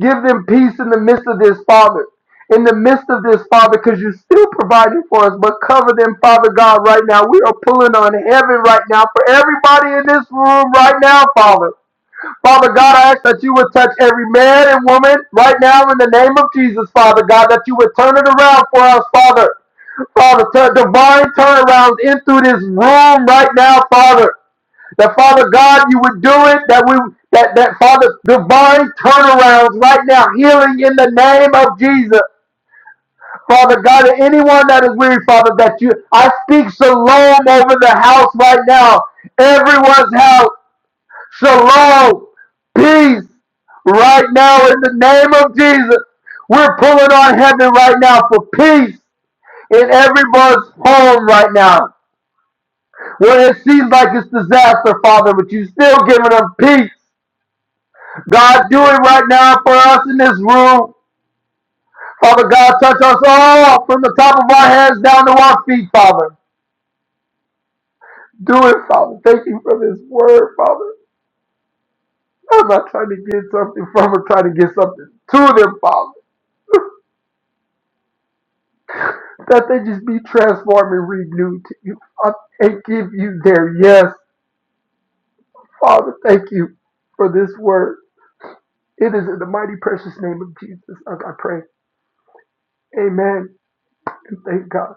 Give them peace in the midst of this, Father. In the midst of this, Father, because you're still providing for us, but cover them, Father God, right now. We are pulling on heaven right now for everybody in this room right now, Father. Father God, I ask that you would touch every man and woman right now in the name of Jesus, Father God, that you would turn it around for us, Father. Father, turn divine turnarounds in through this room right now, Father. That Father God, you would do it. That we, that, that Father, divine turnarounds right now, healing in the name of Jesus. Father God, and anyone that is weary, Father, that you, I speak shalom over the house right now. Everyone's house, shalom, peace, right now in the name of Jesus. We're pulling on heaven right now for peace in everyone's home right now. When it seems like it's disaster, Father, but you still giving them peace. God, do it right now for us in this room. Father God, touch us all from the top of our heads down to our feet, Father. Do it, Father. Thank you for this word, Father. I'm not trying to get something from them, trying to get something to them, Father. That they just be transformed and renewed to you. I- And give you their yes. Father, thank you for this word. It is in the mighty precious name of Jesus. I pray. Amen. And thank God.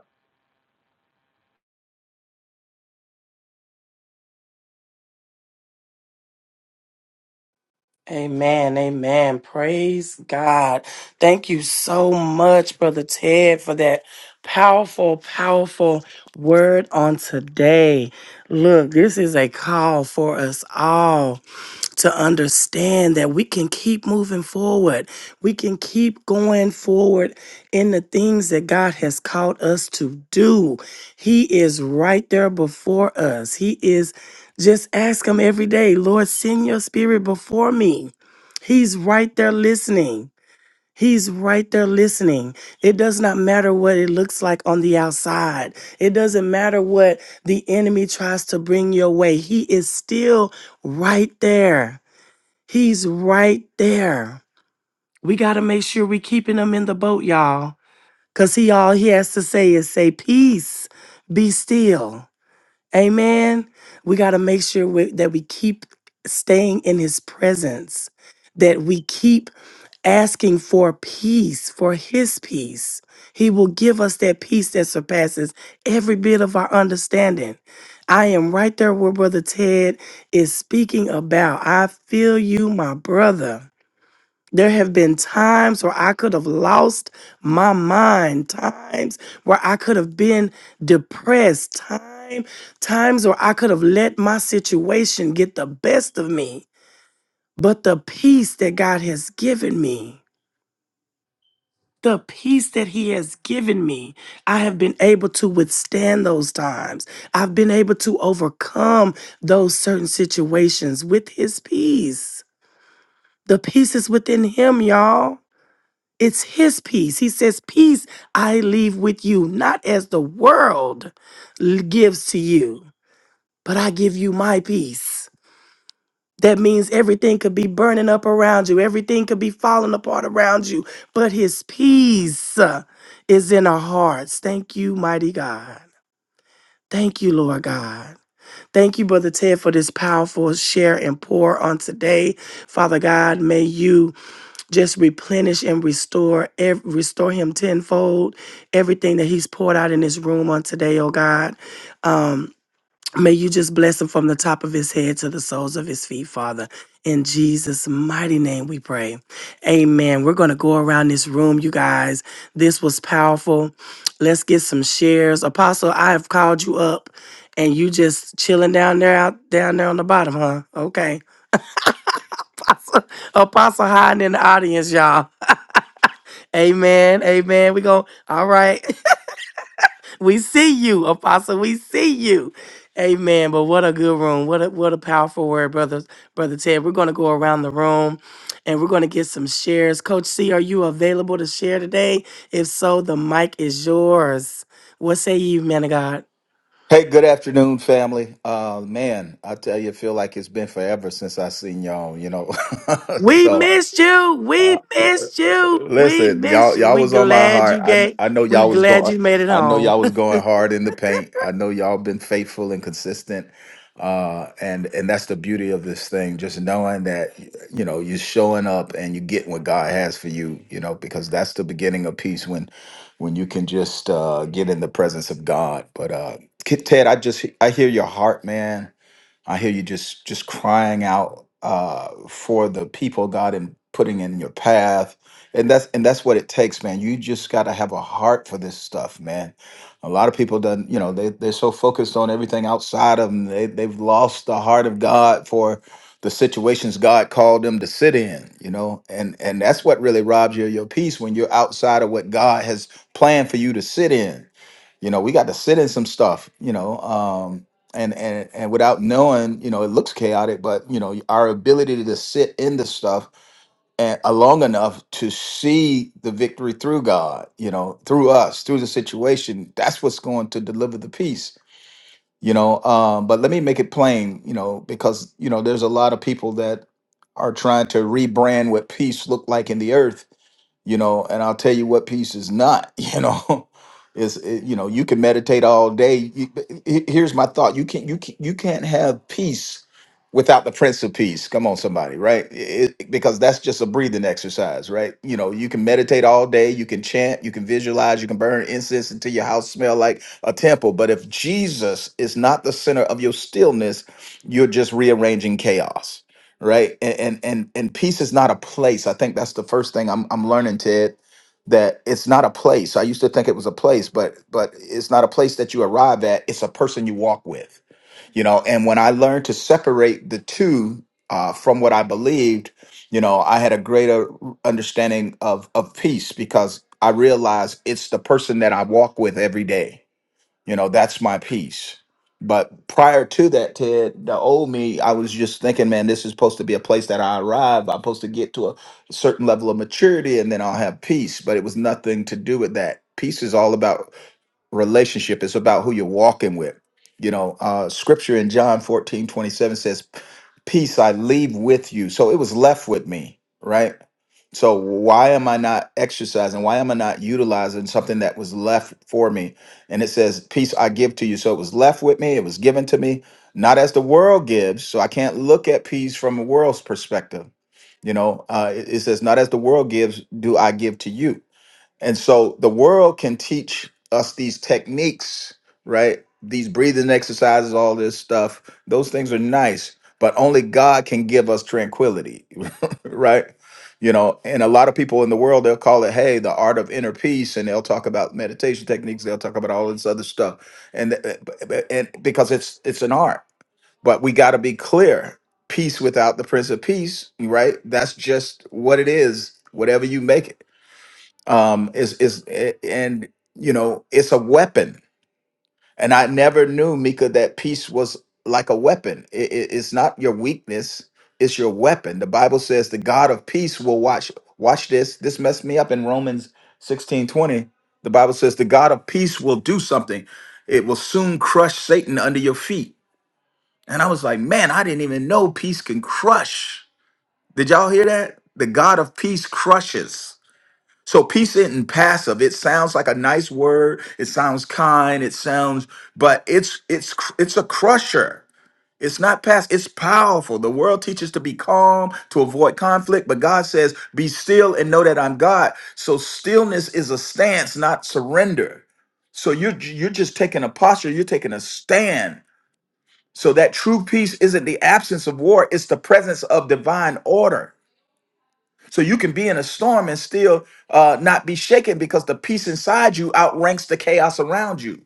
Amen. Amen. Praise God. Thank you so much, Brother Ted, for that powerful, powerful word on today. Look, this is a call for us all to understand that we can keep moving forward. We can keep going forward in the things that God has called us to do. He is right there before us. He is just ask Him every day, Lord, send your spirit before me. He's right there listening. He's right there listening. It does not matter what it looks like on the outside. It doesn't matter what the enemy tries to bring your way. He is still right there. He's right there. We got to make sure we are keeping him in the boat, y'all. Because he all he has to say is say, peace, be still. Amen. We got to make sure we, that we keep staying in his presence, that we keep asking for peace, for his peace. He will give us that peace that surpasses every bit of our understanding. I am right there where Brother Ted is speaking about. I feel you, my brother. There have been times where I could have lost my mind, times where I could have been depressed, time, times where I could have let my situation get the best of me. But the peace that God has given me, the peace that He has given me, I have been able to withstand those times. I've been able to overcome those certain situations with His peace. The peace is within Him, y'all. It's his peace. He says, Peace I leave with you, not as the world l- gives to you, but I give you my peace. That means everything could be burning up around you, everything could be falling apart around you, but his peace uh, is in our hearts. Thank you, mighty God. Thank you, Lord God. Thank you, Brother Ted, for this powerful share and pour on today. Father God, may you just replenish and restore ev- restore him tenfold everything that he's poured out in this room on today oh god um may you just bless him from the top of his head to the soles of his feet father in jesus mighty name we pray amen we're going to go around this room you guys this was powerful let's get some shares apostle i have called you up and you just chilling down there out down there on the bottom huh okay [laughs] apostle, apostle hiding in the audience y'all Amen. Amen. We go. All right. [laughs] we see you, Apostle. We see you. Amen. But what a good room. What a what a powerful word, brothers, brother Ted. We're gonna go around the room and we're gonna get some shares. Coach C, are you available to share today? If so, the mic is yours. What say you, man of God?
Hey, good afternoon, family. Uh, man, I tell you, I feel like it's been forever since I seen y'all. You know, [laughs]
We
so
missed you.
uh,
We missed you. We
listen, y'all
missed you.
y'all
We
was on my
glad
heart.
you
I kn-
gave.
I know
We
y'all was
glad
going
you made it
I know
home.
y'all
[laughs]
was going hard in the paint. I know y'all been faithful and consistent. Uh and and that's the beauty of this thing, just knowing that y- you know, you're showing up and you get what God has for you, you know, because that's the beginning of peace when when you can just uh get in the presence of God. But uh Kid Ted, I just I hear your heart, man I hear you just just crying out uh, for the people God and putting in your path, and that's and that's what it takes, man. You just got to have a heart for this stuff, man. A lot of people done, you know, they they're so focused on everything outside of them, they they've lost the heart of God for the situations God called them to sit in, you know, and and that's what really robs you of your peace when you're outside of what God has planned for you to sit in you know we got to sit in some stuff you know Um, and and and without knowing, you know, it looks chaotic, but you know, our ability to sit in the stuff and uh, long enough to see the victory through God, you know, through us, through the situation, that's what's going to deliver the peace, you know. Um, but let me make it plain, you know, because you know, there's a lot of people that are trying to rebrand what peace looked like in the earth you know and i'll tell you what peace is not [laughs] you know is it- you know you can meditate all day you, but he- here's my thought you can't you can't, you can't have peace without the prince of peace come on somebody right It- it- because that's just a breathing exercise right you know you can meditate all day you can chant you can visualize you can burn incense until your house smell like a temple but if jesus is not the center of your stillness you're just rearranging chaos right and and and, and peace is not a place i think that's the first thing I'm, I'm learning ted that it's not a place i used to think it was a place but but it's not a place that you arrive at it's a person you walk with you know and when i learned to separate the two uh, from what i believed you know i had a greater understanding of of peace because i realized it's the person that i walk with every day you know, that's my piece. But prior to that, Ted, the old me, I was just thinking, man, this is supposed to be a place that I arrive. I'm supposed to get to a certain level of maturity and then I'll have peace. But it was nothing to do with that. Peace is all about relationship. It's about who you're walking with. You know, uh, scripture in John 14 27 says, Peace I leave with you. So it was left with me, right? So why am I not exercising? Why am I not utilizing something that was left for me? And it says, Peace I give to you. So it was left with me, it was given to me, not as the world gives. So I can't look at peace from a world's perspective. You know, uh, it it says, Not as the world gives, do I give to you and so the world can teach us these techniques, right? These breathing exercises, all this stuff. Those things are nice, but only God can give us tranquility, [laughs] right? You know, and a lot of people in the world, they'll call it, hey, the art of inner peace, and they'll talk about meditation techniques, they'll talk about all this other stuff. And, th- b- and because it's it's an art. But we gotta be clear. Peace without the Prince of Peace, right? That's just what it is, whatever you make it um is is a- and you know it's a weapon and i never knew mika that peace was like a weapon I- I- it's not your weakness it's your weapon the bible says the god of peace will watch watch this this messed me up in romans 16 20. the bible says the god of peace will do something it will soon crush satan under your feet and i was like man i didn't even know peace can crush did y'all hear that the god of peace crushes so peace isn't passive. It sounds like a nice word. It sounds kind. It sounds, but it's it's cr- it's a crusher. It's not passive. It's powerful. The world teaches to be calm to avoid conflict, but God says, "Be still and know that I'm God." So stillness is a stance, not surrender. So you're you're just taking a posture. You're taking a stand. So that true peace isn't the absence of war. It's the presence of divine order. So you can be in a storm and still uh, not be shaken because the peace inside you outranks the chaos around you.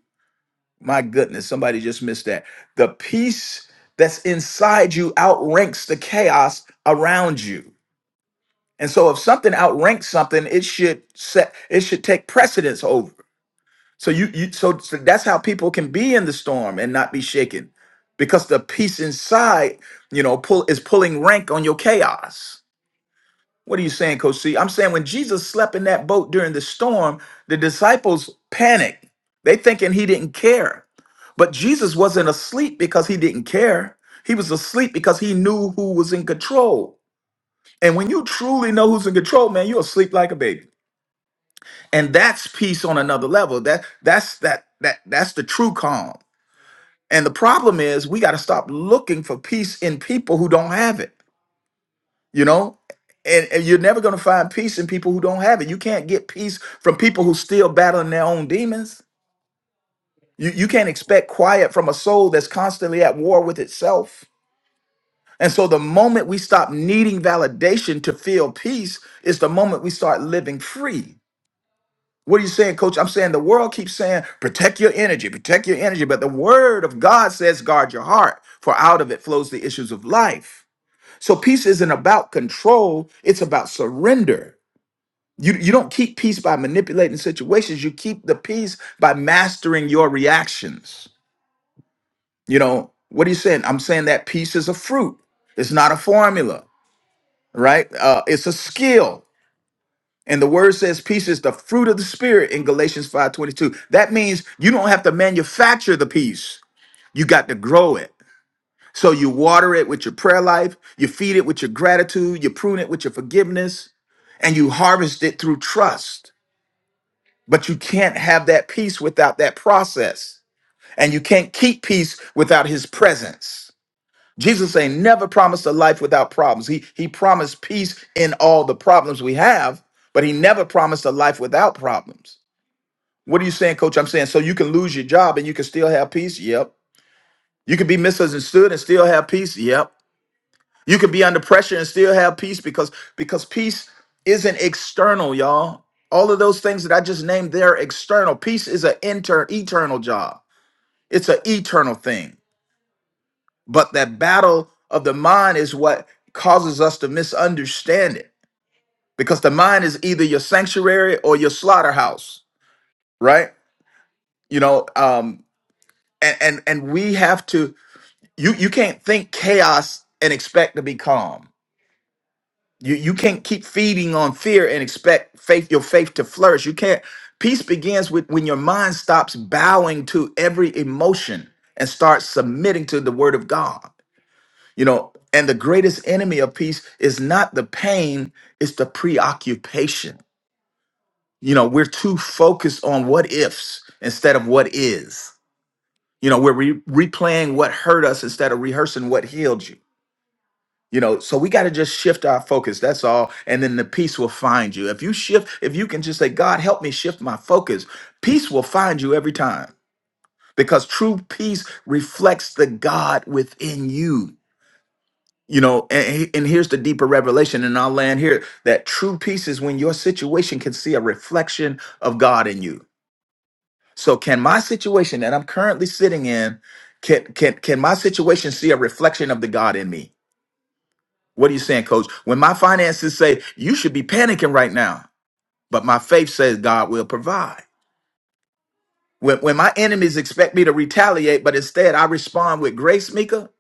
My goodness, somebody just missed that. The peace that's inside you outranks the chaos around you. And so if something outranks something, it should set it should take precedence over. So you, you so, so that's how people can be in the storm and not be shaken because the peace inside, you know, pull is pulling rank on your chaos. What are you saying, Coach C? I'm saying when Jesus slept in that boat during the storm, the disciples panicked. They thinking he didn't care. But Jesus wasn't asleep because he didn't care. He was asleep because he knew who was in control. And when you truly know who's in control, man, you're asleep like a baby. And that's peace on another level. That that's that that that's the true calm. And the problem is we got to stop looking for peace in people who don't have it. you know and, and you're never going to find peace in people who don't have it you can't get peace from people who still battling their own demons you, you can't expect quiet from a soul that's constantly at war with itself and so the moment we stop needing validation to feel peace is the moment we start living free what are you saying coach i'm saying the world keeps saying protect your energy protect your energy but the word of god says guard your heart for out of it flows the issues of life so peace isn't about control it's about surrender You, you don't keep peace by manipulating situations. You keep the peace by mastering your reactions. You know, what are you saying? I'm saying that peace is a fruit, it's not a formula, right? Uh, it's a skill. And the word says peace is the fruit of the spirit in Galatians 5:22. That means you don't have to manufacture the peace. You got to grow it. So you water it with your prayer life, you feed it with your gratitude, you prune it with your forgiveness, and you harvest it through trust. But you can't have that peace without that process. And you can't keep peace without his presence. Jesus ain't never promised a life without problems. He he promised peace in all the problems we have, but he never promised a life without problems. What are you saying, coach? I'm saying so you can lose your job and you can still have peace? Yep. You can be misunderstood and still have peace? Yep. You can be under pressure and still have peace because because peace isn't external, y'all. All of those things that I just named, they're external. Peace is an inter eternal job. It's an eternal thing. But that battle of the mind is what causes us to misunderstand it. Because the mind is either your sanctuary or your slaughterhouse, right? You know, um, and and and we have to you you can't think chaos and expect to be calm You you can't keep feeding on fear and expect faith your faith to flourish. You can't. Peace begins with when your mind stops bowing to every emotion and starts submitting to the word of God. You know, and the greatest enemy of peace is not the pain, it's the preoccupation. You know, we're too focused on what ifs instead of what is. You know, we're re- replaying what hurt us instead of rehearsing what healed you you know, so we got to just shift our focus. That's all. And then the peace will find you. If you shift, if you can just say, God, help me shift my focus, peace will find you every time because true peace reflects the God within you. You know, and, and here's the deeper revelation, and I'll land here that true peace is when your situation can see a reflection of God in you. So, can my situation that I'm currently sitting in, can, can, can my situation see a reflection of the God in me? What are you saying, coach? When my finances say you should be panicking right now, but my faith says God will provide. When, when my enemies expect me to retaliate, but instead I respond with grace, Mika,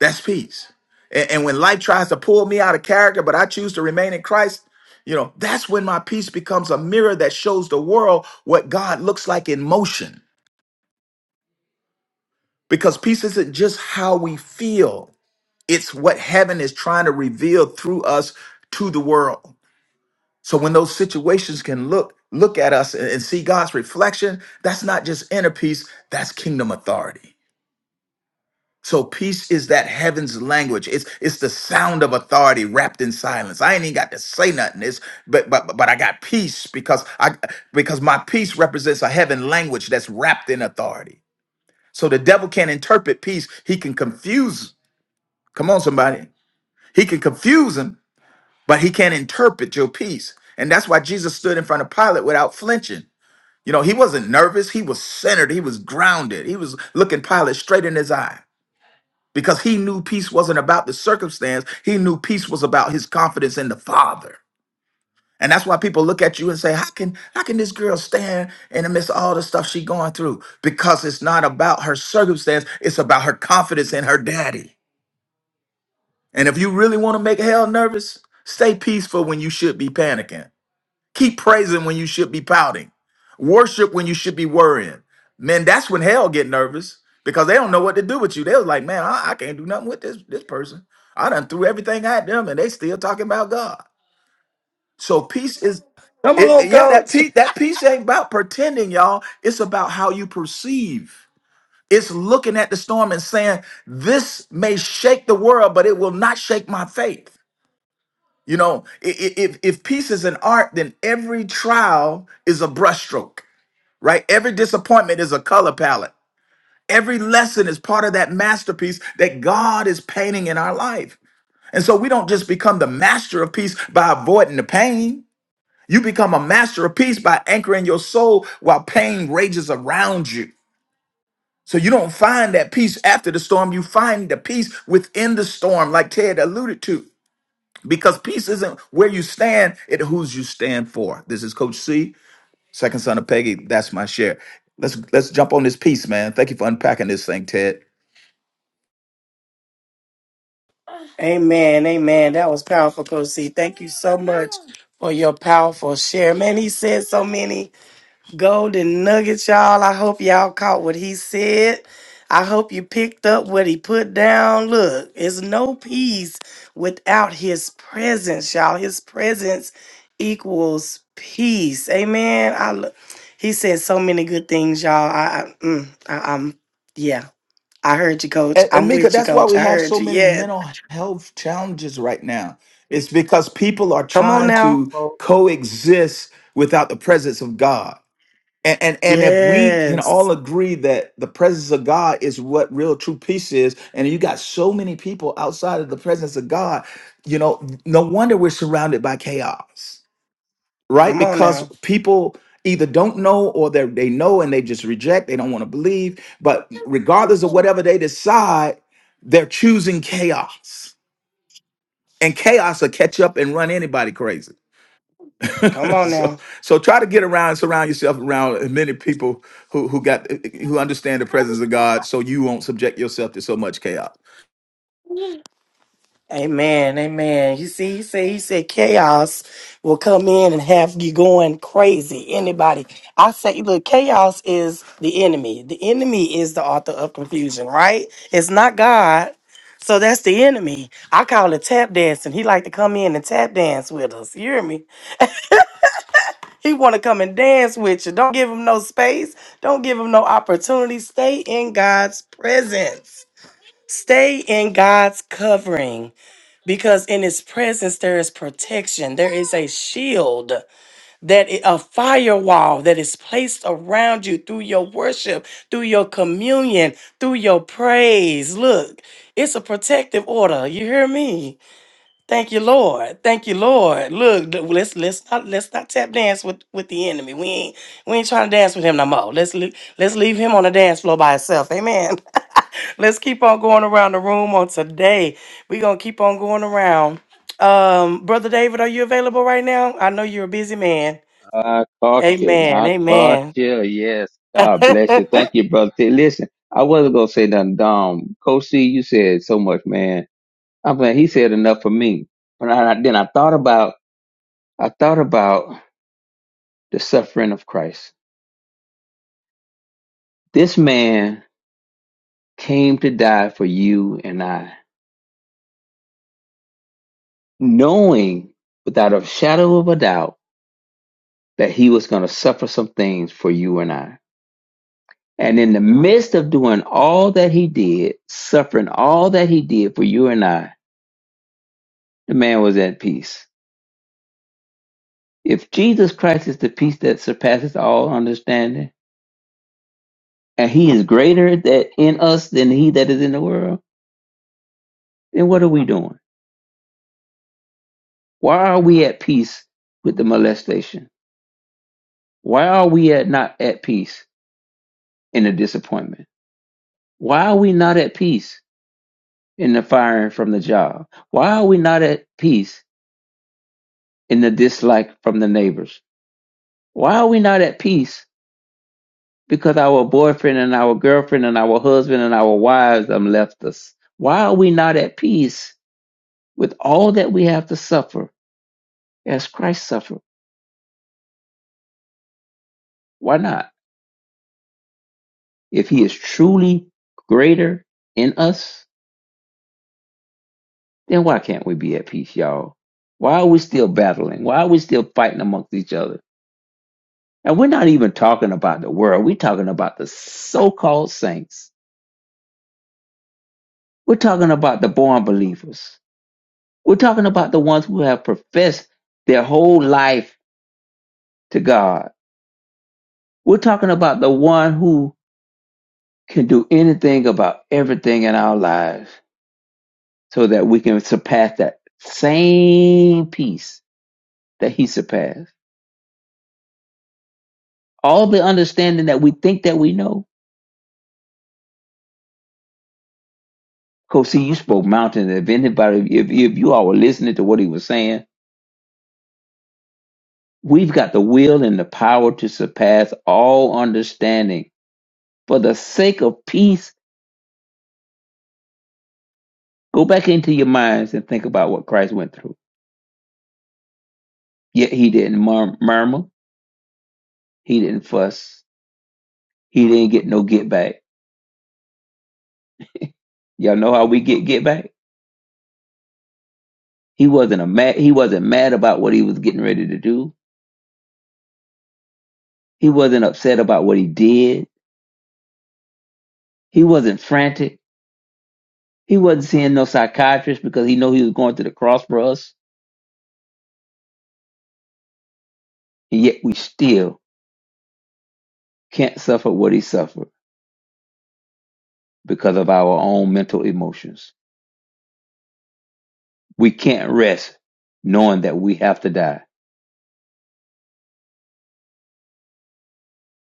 that's peace. And, and when life tries to pull me out of character, but I choose to remain in Christ, you know, that's when my peace becomes a mirror that shows the world what God looks like in motion. Because peace isn't just how we feel, it's what heaven is trying to reveal through us to the world. So when those situations can look look at us and, and see God's reflection, that's not just inner peace, that's kingdom authority. So peace is that heaven's language. It's it's the sound of authority wrapped in silence. I ain't even got to say nothing. It's but but but I got peace because I because my peace represents a heaven language that's wrapped in authority. So the devil can't interpret peace. He can confuse. Come on, somebody. He can confuse him, but he can't interpret your peace. And that's why Jesus stood in front of Pilate without flinching. You know, he wasn't nervous. He was centered. He was grounded. He was looking Pilate straight in his eye because he knew peace wasn't about the circumstance. He knew peace was about his confidence in the Father. And that's why people look at you and say, "How can how can this girl stand in the midst of all the stuff she's going through?" Because it's not about her circumstance. It's about her confidence in her daddy. And if you really want to make hell nervous, stay peaceful when you should be panicking. Keep praising when you should be pouting. Worship when you should be worrying. Man, that's when hell get nervous because they don't know what to do with you. They was like, man, I, I can't do nothing with this this person. I done threw everything at them and they still talking about God. So peace is
Come
it
on,
it- yeah, that
coach.
peace that peace ain't about pretending, y'all. It's about how you perceive. It's looking at the storm and saying, This may shake the world, but it will not shake my faith. You know, i- i- if if peace is an art, then every trial is a brushstroke, right? Every disappointment is a color palette. Every lesson is part of that masterpiece that God is painting in our life. And so we don't just become the master of peace by avoiding the pain. You become a master of peace by anchoring your soul while pain rages around you. So you don't find that peace after the storm, you find the peace within the storm, like Ted alluded to. Because peace isn't where you stand, it who's you stand for. This is Coach C, second son of Peggy. That's my share. Let's let's jump on this piece, man. Thank you for unpacking this thing, Ted.
Amen. Amen. That was powerful, Coach C. Thank you so much for your powerful share. Man, he said so many golden nuggets, y'all. I hope y'all caught what he said. I hope you picked up what he put down. Look, it's no peace without his presence, y'all. His presence equals peace. Amen. I lo- he said so many good things, y'all. I, I, mm, I I'm yeah. I heard you, coach.
And, and
I'm
Mika,
with you,
that's why
coach.
we
I
have
heard
so
you.
many
Yes.
mental health challenges right now. It's because people are
Come on
trying
now.
to coexist without the presence of God. and, and and if we can
Yes.
all agree that the presence of God is what real true peace is, and you got so many people outside of the presence of God, you know, no wonder we're surrounded by chaos, right?
Come on
Because
now.
people either don't know or they they know and they just reject, they don't want to believe. But regardless of whatever they decide, they're choosing chaos, and chaos will catch up and run anybody crazy
Come
[laughs]
on
so
now.
so try to get around surround yourself around as many people who who got who understand the presence of god so you won't subject yourself to so much chaos
Amen. Amen. You see, he said he said chaos will come in and have you going crazy. Anybody. I say look, chaos is the enemy. The enemy is the author of confusion, right? It's not God. So that's the enemy. I call it tap dancing. He like to come in and tap dance with us. You hear me? He want to come and dance with you. Don't give him no space. Don't give him no opportunity. Stay in God's presence. Stay in God's covering because in his presence there is protection. There is a shield that i- a firewall that is placed around you through your worship, through your communion, through your praise. Look, it's a protective order. You hear me? Thank you, Lord. Thank you, Lord. Look, th- let's let's not let's not tap dance with with the enemy. We ain't we ain't trying to dance with him no more. Let's le- let's leave him on the dance floor by himself. Amen. [laughs] let's keep on going around the room on today. We're gonna keep on going around. Um, brother David, are you available right now? I know you're a busy man.
I caught you.
Amen.
I caught
Amen.
you. Yes.
[laughs]
God bless you. Thank you, brother. T. Listen, I wasn't gonna say nothing dumb. Coach C, you said so much, man. I'm glad he said enough for me. But I, then I thought about I thought about the suffering of Christ. This man came to die for you and I, knowing without a shadow of a doubt that he was gonna suffer some things for you and I And in the midst of doing all that he did, suffering all that he did for you and I, the man was at peace. If Jesus Christ is the peace that surpasses all understanding, and he is greater that in us than he that is in the world, then what are we doing? Why are we at peace with the molestation? Why are we at not at peace in the disappointment? Why are we not at peace in the firing from the job? Why are we not at peace in the dislike from the neighbors? Why are we not at peace? Because our boyfriend and our girlfriend and our husband and our wives have left us. Why are we not at peace with all that we have to suffer as Christ suffered? Why not? If he is truly greater in us, then why can't we be at peace, y'all? Why are we still battling? Why are we still fighting amongst each other? And we're not even talking about the world. We're talking about the so called saints. We're talking about the born believers. We're talking about the ones who have professed their whole life to God. We're talking about the one who can do anything about everything in our lives so that we can surpass that same peace that he surpassed. All the understanding that we think that we know. Because see, you spoke mountains. If anybody, if, if you all were listening to what he was saying, we've got the will and the power to surpass all understanding for the sake of peace Go back into your minds and think about what Christ went through. Yet he didn't mur- murmur. He didn't fuss. He didn't get no get back. Y'all know how we get get back? He wasn't a mad. He wasn't mad about what he was getting ready to do. He wasn't upset about what he did. He wasn't frantic. He wasn't seeing no psychiatrist because he knew he was going to the cross for us. And yet we still can't suffer what he suffered because of our own mental emotions. We can't rest knowing that we have to die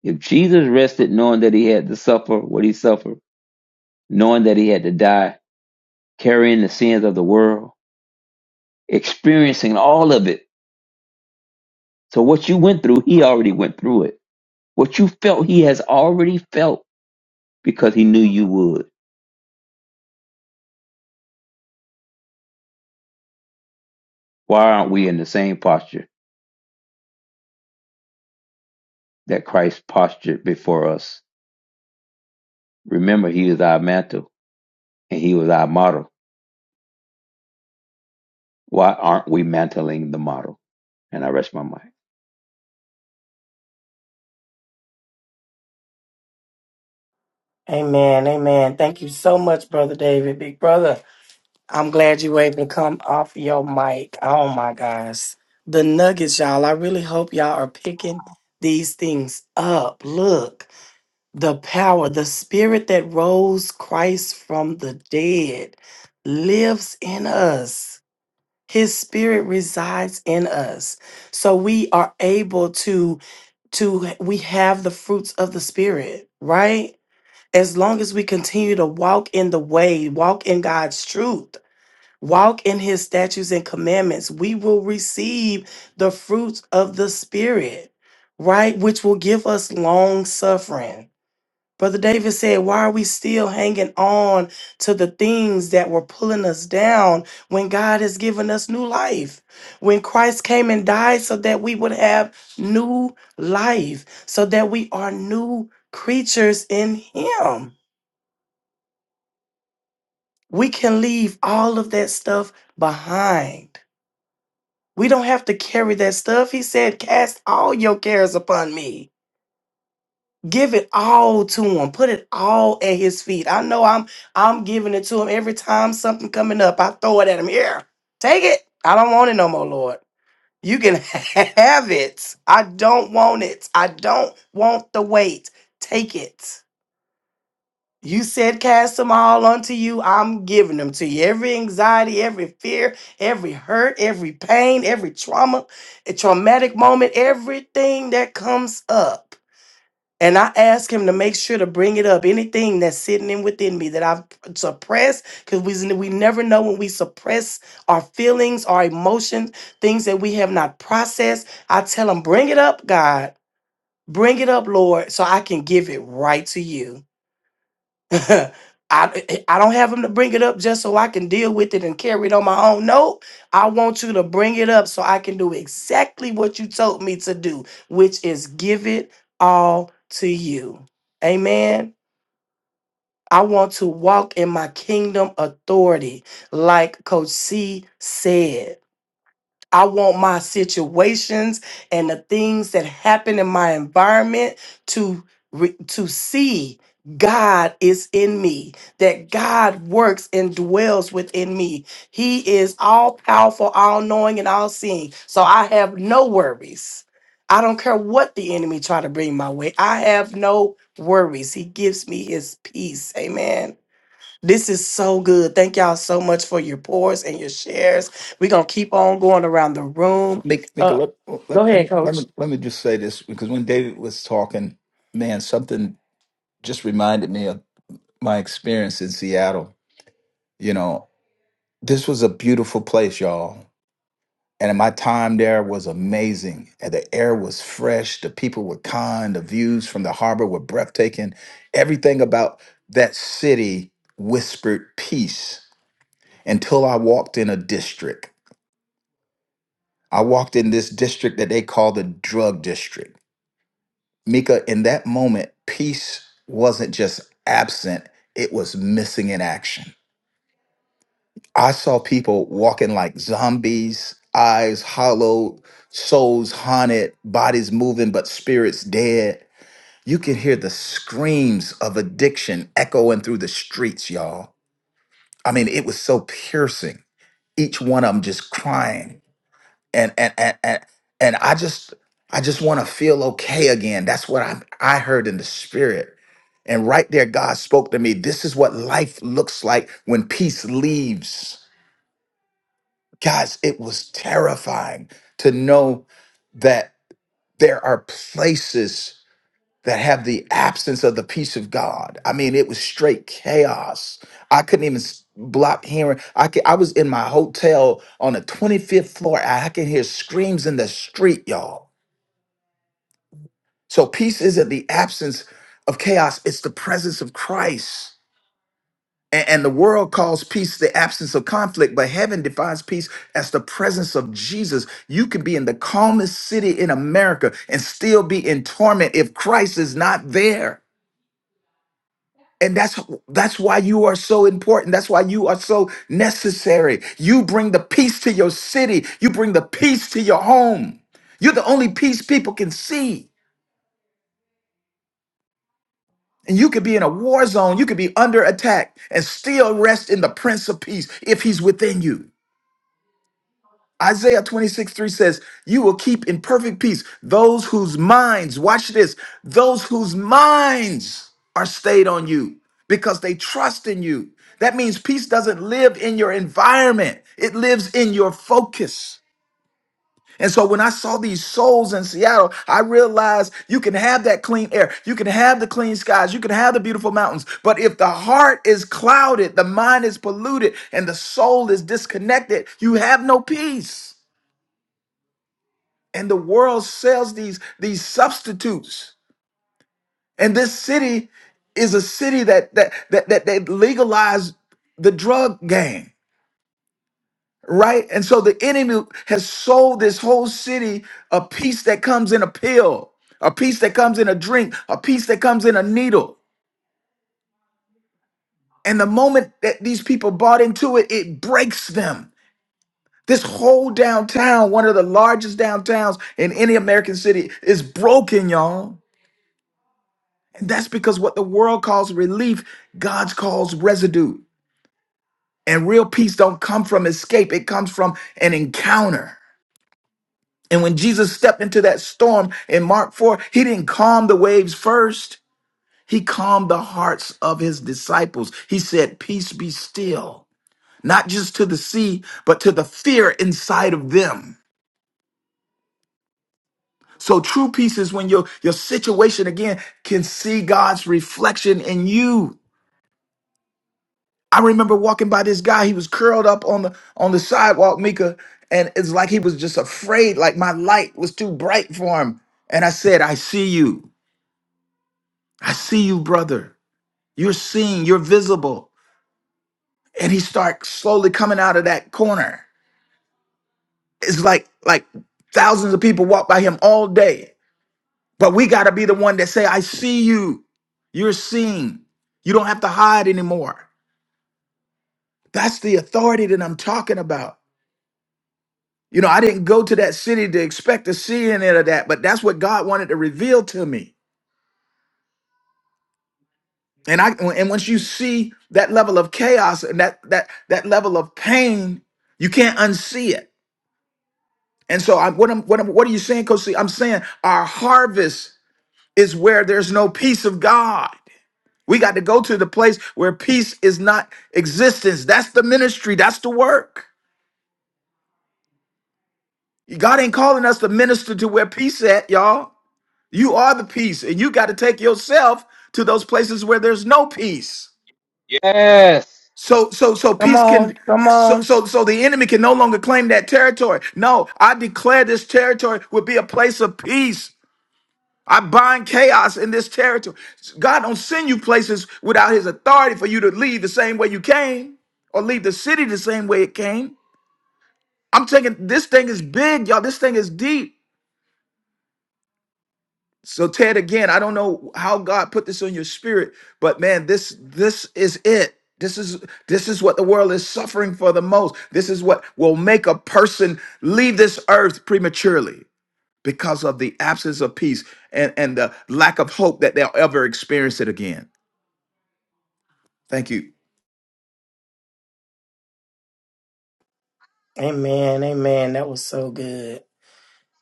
If Jesus rested knowing that he had to suffer what he suffered, knowing that he had to die, carrying the sins of the world, experiencing all of it. So what you went through, he already went through it. What you felt, he has already felt because he knew you would. Why aren't we in the same posture that Christ postured before us? Remember, he is our mantle and he was our model. Why aren't we mantling the model? And I rest my mind.
amen. Amen. Thank you so much, brother David, big brother. I'm glad you were able to come off your mic. Oh my gosh. The nuggets, y'all. I really hope y'all are picking these things up. Look, the power, the spirit that rose Christ from the dead lives in us. His spirit resides in us. So we are able to to we have the fruits of the spirit, right? As long as we continue to walk in the way, walk in God's truth Walk in his statutes and commandments. We will receive the fruits of the Spirit, right? Which will give us long suffering. Brother David said, Why are we still hanging on to the things that were pulling us down when God has given us new life? When Christ came and died so that we would have new life, so that we are new creatures in Him. We can leave all of that stuff behind We don't have to carry that stuff. He said, Cast all your cares upon me. Give it all to him. Put it all at his feet. I know I'm I'm giving it to him every time something coming up. I throw it at him. Here, take it. I don't want it no more, Lord. You can [laughs] have it. I don't want it. I don't want the weight. Take it. You said, Cast them all unto you. I'm giving them to you. Every anxiety, every fear, every hurt, every pain, every trauma, a traumatic moment, everything that comes up. And I ask him to make sure to bring it up. Anything that's sitting in within me that I've suppressed, because we, we never know when we suppress our feelings, our emotions, things that we have not processed. I tell him, Bring it up, God. Bring it up, Lord, so I can give it right to you. [laughs] I I don't have him to bring it up just so I can deal with it and carry it on my own. No, I want you to bring it up so I can do exactly what you told me to do, which is give it all to you. Amen. I want to walk in my kingdom authority, like Coach C said. I want my situations and the things that happen in my environment to re- to see God is in me, that God works and dwells within me. He is all powerful, all knowing, and all seeing. So I have no worries. I don't care what the enemy try to bring my way. I have no worries. He gives me his peace. Amen. This is so good. Thank y'all so much for your pours and your shares. We're going to keep on going around the room.
Nick, Nick,
Uh,
let, let,
go
let me
ahead,
let me
coach.
let me just say this because when David was talking, man, something just reminded me of my experience in Seattle. You know, this was a beautiful place, y'all. And my time there was amazing. And the air was fresh. The people were kind. The views from the harbor were breathtaking. Everything about that city whispered peace until I walked in a district. I walked in this district that they call the drug district. Mika, in that moment, peace wasn't just absent, it was missing in action. I saw people walking like zombies, eyes hollow, souls haunted, bodies moving, but spirits dead. You can hear the screams of addiction echoing through the streets, y'all. I mean, it was so piercing. Each one of them just crying. And and and and, and I just I just want to feel okay again. That's what I I heard in the spirit. And right there, God spoke to me. This is what life looks like when peace leaves Guys, it was terrifying to know that there are places that have the absence of the peace of God. I mean, it was straight chaos. I couldn't even s- block hearing. I could, I was in my hotel on the 25th floor. I I can hear screams in the street, y'all. So peace isn't the absence of chaos, it's the presence of Christ. And, and the world calls peace the absence of conflict, but heaven defines peace as the presence of Jesus. You could be in the calmest city in America and still be in torment if Christ is not there. And that's that's why you are so important. That's why you are so necessary. You bring the peace to your city. You bring the peace to your home. You're the only peace people can see. And you could be in a war zone. You could be under attack and still rest in the Prince of Peace if he's within you. Isaiah 26, 3 says, You will keep in perfect peace those whose minds, watch this, those whose minds are stayed on you because they trust in you. That means peace doesn't live in your environment, it lives in your focus. And so when I saw these souls in Seattle, I realized you can have that clean air, you can have the clean skies, you can have the beautiful mountains. But if the heart is clouded, the mind is polluted, and the soul is disconnected, you have no peace and the world sells these these substitutes and this city is a city that that that that, that legalized the drug game right and so the enemy has sold this whole city a piece that comes in a pill a piece that comes in a drink a piece that comes in a needle and the moment that these people bought into it it breaks them this whole downtown one of the largest downtowns in any american city is broken y'all And that's because what the world calls relief, God calls residue. And real peace don't come from escape, it comes from an encounter. And when Jesus stepped into that storm in Mark 4, he didn't calm the waves first. He calmed the hearts of his disciples. He said, Peace be still, not just to the sea, but to the fear inside of them. So true peace is when your, your situation again can see God's reflection in you I remember walking by this guy. He was curled up on the on the sidewalk, Mika, and it's like he was just afraid. Like my light was too bright for him. And I said, "I see you. I see you, brother. You're seeing. You're visible." And he starts slowly coming out of that corner. It's like like thousands of people walk by him all day, but we got to be the one that say, "I see you. You're seeing. You don't have to hide anymore." That's the authority that I'm talking about. You know, I didn't go to that city to expect to see any of that, but that's what God wanted to reveal to me. And I and once you see that level of chaos and that that that level of pain, you can't unsee it. And so i what I'm what I'm, what are you saying, Coach C? I'm saying our harvest is where there's no peace of God. We got to go to the place where peace is not existence. That's the ministry. That's the work. God ain't calling us to minister to where peace at, y'all. You are the peace, and you got to take yourself to those places where there's no peace.
Yes.
So, so, so
Come
peace
on.
can.
Come
So,
on.
so, so the enemy can no longer claim that territory. No, I declare this territory will be a place of peace. I bind chaos in this territory. God don't send you places without His authority for you to leave the same way you came, or leave the city the same way it came. I'm taking this thing is big, y'all. This thing is deep. So Ted, again, I don't know how God put this on your spirit, but man, this this is it. This is this is what the world is suffering for the most. This is what will make a person leave this earth prematurely because of the absence of peace and, and the lack of hope that they'll ever experience it again. Thank you.
Amen. Amen. That was so good.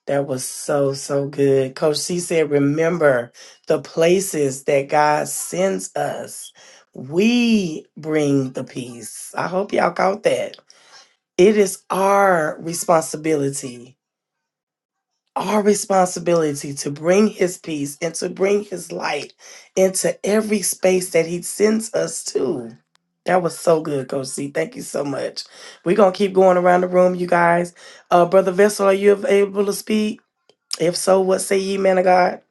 That was so, so good. Coach C said, remember the places that God sends us. We bring the peace. I hope y'all caught that. it is our responsibility, our responsibility to bring his peace and to bring his light into every space that he sends us to. That was so good, Coach C. Thank you so much. We're gonna keep going around the room, you guys. Uh Brother Vessel, are you av- able to speak? If so, what say ye, man of God?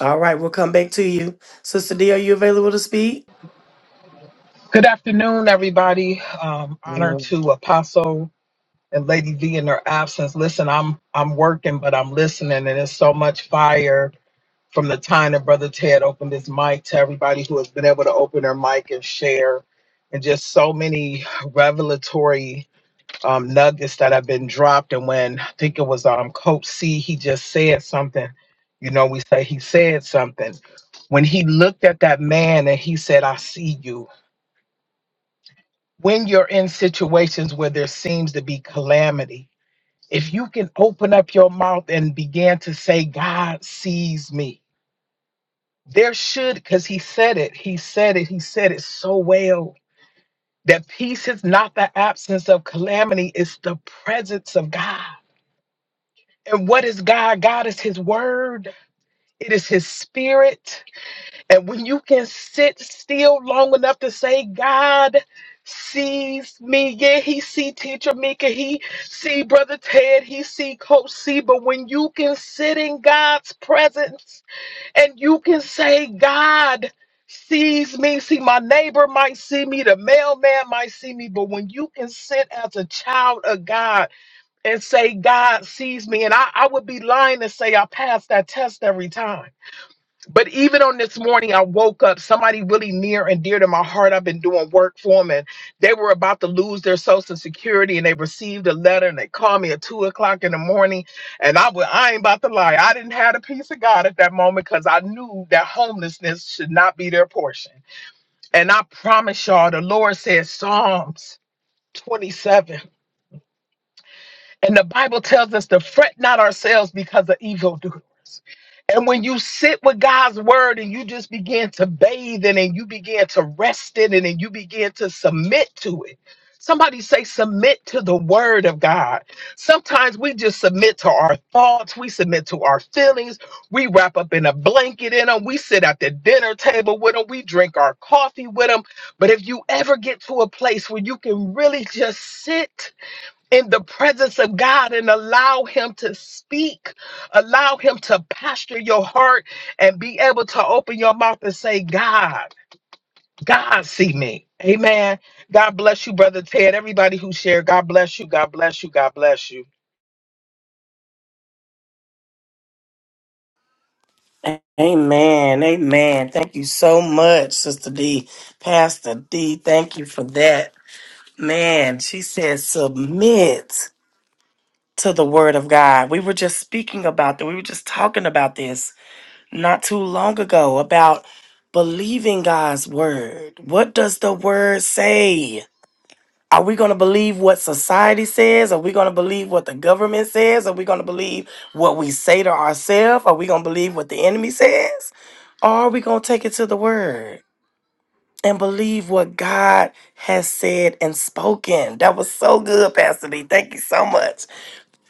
All right, we'll come back to you. Sister D, are you available to speak?
Good afternoon, everybody. Um, honor to Apostle and Lady V in their absence. Listen, I'm I'm working, but I'm listening, and there's so much fire from the time that Brother Ted opened his mic to everybody who has been able to open their mic and share, and just so many revelatory um, nuggets that have been dropped. And when I think it was um, Coach C, he just said something. You know, we say he said something when he looked at that man and he said, "I see you." when you're in situations where there seems to be calamity, if you can open up your mouth and begin to say, God sees me, there should, because he said it, he said it, he said it so well that peace is not the absence of calamity, it's the presence of God. And what is God? God is his word, it is his spirit. And when you can sit still long enough to say, God sees me, yeah, he see teacher Mika, he see brother Ted, he see coach C, but when you can sit in God's presence and you can say, God sees me, see my neighbor might see me, the mailman might see me, but when you can sit as a child of God and say, God sees me, and I, I would be lying to say I pass that test every time but even on this morning, I woke up somebody really near and dear to my heart. I've been doing work for them, and they were about to lose their social security, and they received a letter, and they called me at two o'clock in the morning. And I was, I ain't about to lie, I didn't have the peace of God at that moment because I knew that homelessness should not be their portion. And I promise y'all, the Lord says Psalms 27. And the Bible tells us to fret not ourselves because of evildoers. And when you sit with God's word and you just begin to bathe in it and you begin to rest in it and you begin to submit to it. Somebody say, submit to the word of God. Sometimes we just submit to our thoughts. We submit to our feelings. We wrap up in a blanket in them. We sit at the dinner table with them. We drink our coffee with them. But if you ever get to a place where you can really just sit in the presence of God and allow Him to speak. Allow Him to pasture your heart and be able to open your mouth and say, God, God, see me. Amen. God bless you, Brother Ted. Everybody who shared, God bless you. God bless you. God bless you.
Amen. Amen. Thank you so much, Sister D. Pastor D, thank you for that. Man, she said submit to the word of God. We were just speaking about that. We were just talking about this not too long ago about believing God's word. What does the word say? Are we going to believe what society says? Are we going to believe what the government says? Are we going to believe what we say to ourselves? Are we going to believe what the enemy says? Or are we going to take it to the word and believe what God has said and spoken? That was so good, Pastor D. Thank you so much.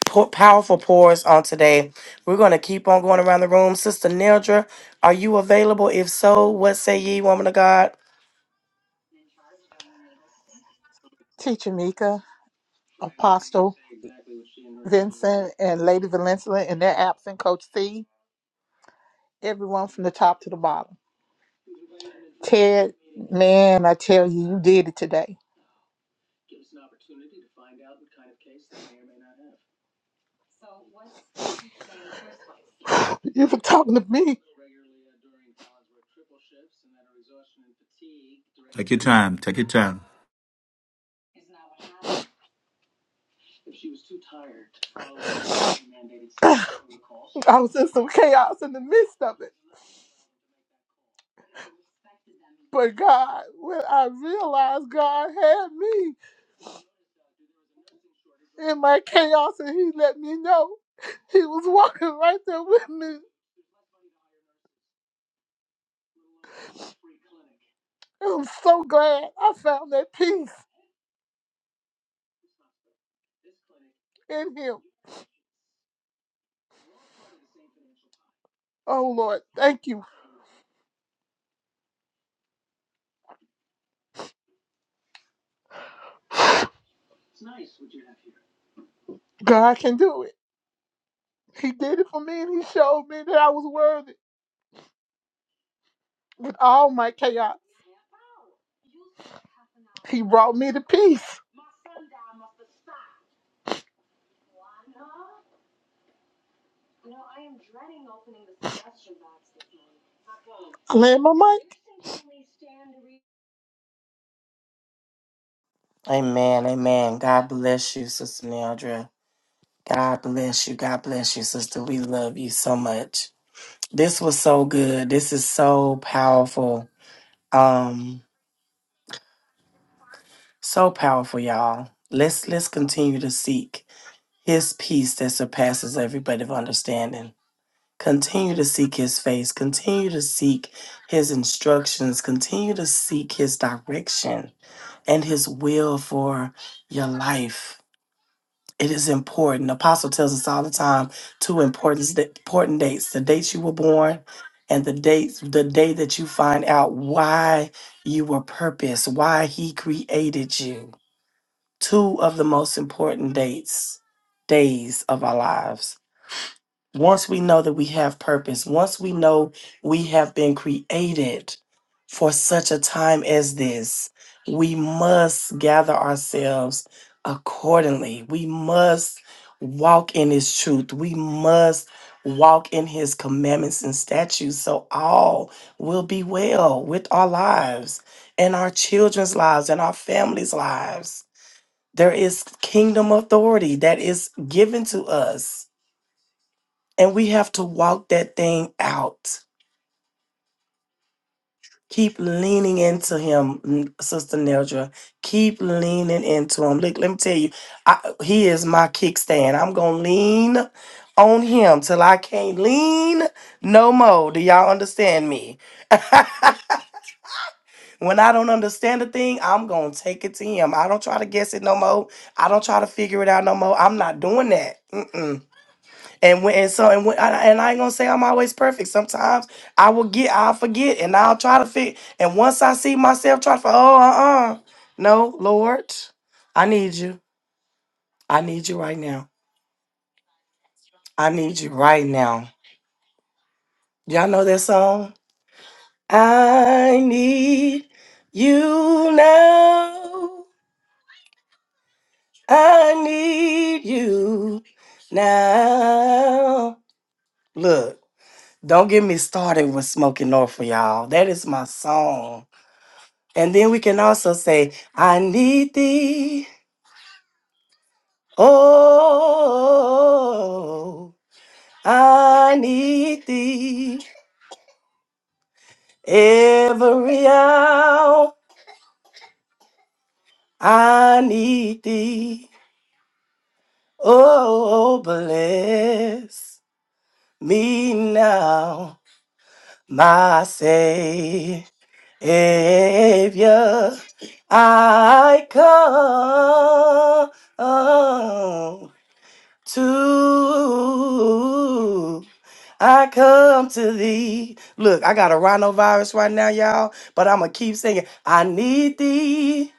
Pour, powerful pours on today. We're going to keep on going around the room. Sister Neldra, are you available? If so, what say ye, woman of God?
Teacher Mika, Apostle Vincent, and Lady Valencia in their absent, Coach C, everyone from the top to the bottom. Ted, man, I tell you, you did it today. [laughs] You were talking to me. I was in some chaos in the midst of it. But God, when I realized God had me in my chaos and He let me know He was walking right there with me. I'm so glad I found that peace in him. Oh Lord, thank you. God can do it. He did it for me and he showed me that I was worthy with all my chaos. He brought me to peace. I land my mic.
Amen. Amen. God bless you, Sister Neldra. God bless you. God bless you, sister. We love you so much. This was so good. This is so powerful. Um, so powerful, y'all. Let's let's continue to seek his peace that surpasses every bit of understanding. Continue to seek his face. Continue to seek his instructions. Continue to seek his direction and his will for your life It is important. The apostle tells us all the time two important, important dates the date you were born and the date the day that you find out why you were purposed, why he created you. Two of the most important dates, days of our lives. Once we know that we have purpose, once we know we have been created for such a time as this, we must gather ourselves accordingly. We must walk in His truth. We must walk in His commandments and statutes so all will be well with our lives and our children's lives and our families' lives. There is kingdom authority that is given to us and we have to walk that thing out. Keep leaning into him, n- Sister Neldra. Keep leaning into him. Look, let me tell you, I, he is my kickstand. I'm going to lean on him till I can't lean no more. Do y'all understand me? [laughs] when I don't understand a thing, I'm going to take it to him. I don't try to guess it no more. I don't try to figure it out no more. I'm not doing that. Mm-mm. And when and so and when I, and I ain't gonna say I'm always perfect. Sometimes I will get I'll forget and I'll try to fit. And once I see myself try to, fi- oh uh uh, no Lord, I need you. I need you right now. I need you right now. Y'all know that song? I need you now. I need you now. Look, don't get me started with smoking Norfolk, y'all. That is my song. And then we can also say, I need thee. Oh, I need thee. Every hour I need thee. Oh, bless me now, my Savior. I come to I come to thee. Look, I got a rhinovirus right now, y'all, but I'm gonna keep singing. I need thee.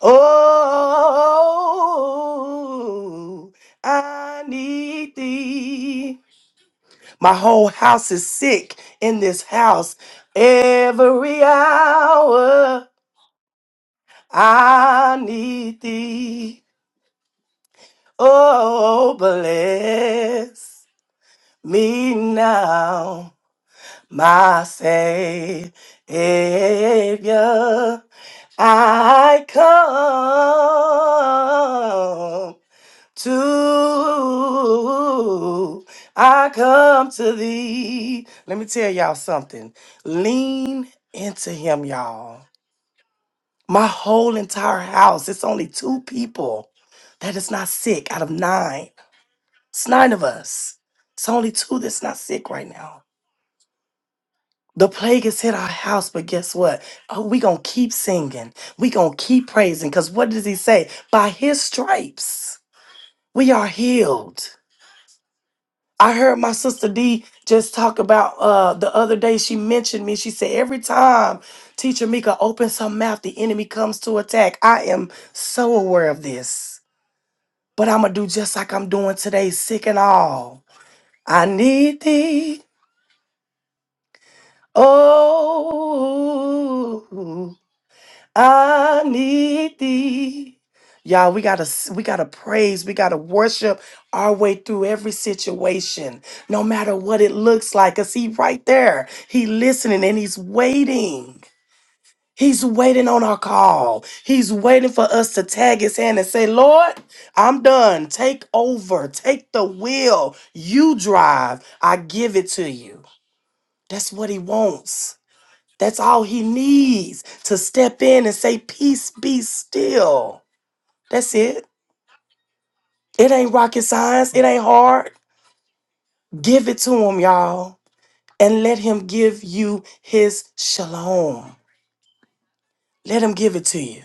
Oh, I need thee. My whole house is sick in this house. Every hour I need thee. Oh, bless me now. my Savior, I come to, I come to thee. Let me tell y'all something. Lean into him, y'all. My whole entire house, it's only two people that is not sick out of nine. It's nine of us. It's only two that's not sick right now. The plague has hit our house, but guess what? Oh, we gonna keep singing. We gonna keep praising. Cause what does he say? By his stripes, we are healed. I heard my sister D just talk about uh the other day. She mentioned me. She said, every time teacher Mika opens her mouth, the enemy comes to attack. I am so aware of this. But I'm gonna do just like I'm doing today, sick and all. I need thee. Oh, I need thee. Y'all, we gotta s- we gotta praise, we gotta worship our way through every situation, no matter what it looks like. Cause he right there, he listening and he's waiting. He's waiting on our call. He's waiting for us to tag his hand and say, Lord, I'm done. Take over. Take the wheel. You drive. I give it to you. That's what he wants. That's all he needs to step in and say, Peace be still. That's it. It ain't rocket science, it ain't hard. Give it to him, y'all, and let him give you his shalom. Let him give it to you.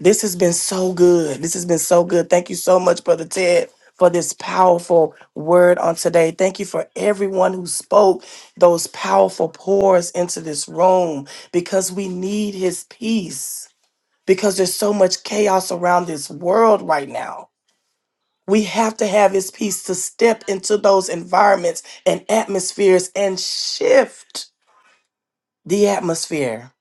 This has been so good. This has been so good. Thank you so much, Brother Ted, for this powerful word on today. Thank you for everyone who spoke those powerful pours into this room because we need his peace. because there's so much chaos around this world right now. We have to have his peace to step into those environments and atmospheres and shift the atmosphere.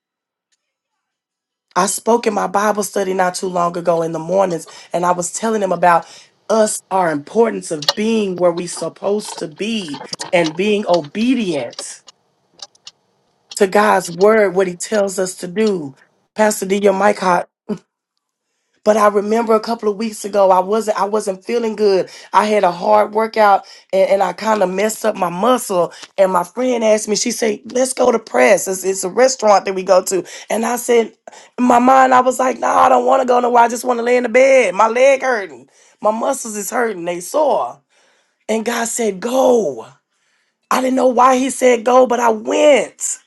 I spoke in my Bible study not too long ago in the mornings, and I was telling them about us our importance of being where we supposed to be and being obedient to God's word, what he tells us to do. Pastor D, your mic hot. But I remember a couple of weeks ago, I wasn't I wasn't feeling good. I had a hard workout and, and I kind of messed up my muscle. And my friend asked me, she said, let's go to press. It's, it's a restaurant that we go to. And I said, in my mind, I was like, no, I don't want to go nowhere. I just want to lay in the bed. My leg hurting. My muscles is hurting. They sore. And God said, go. I didn't know why he said go, but I went.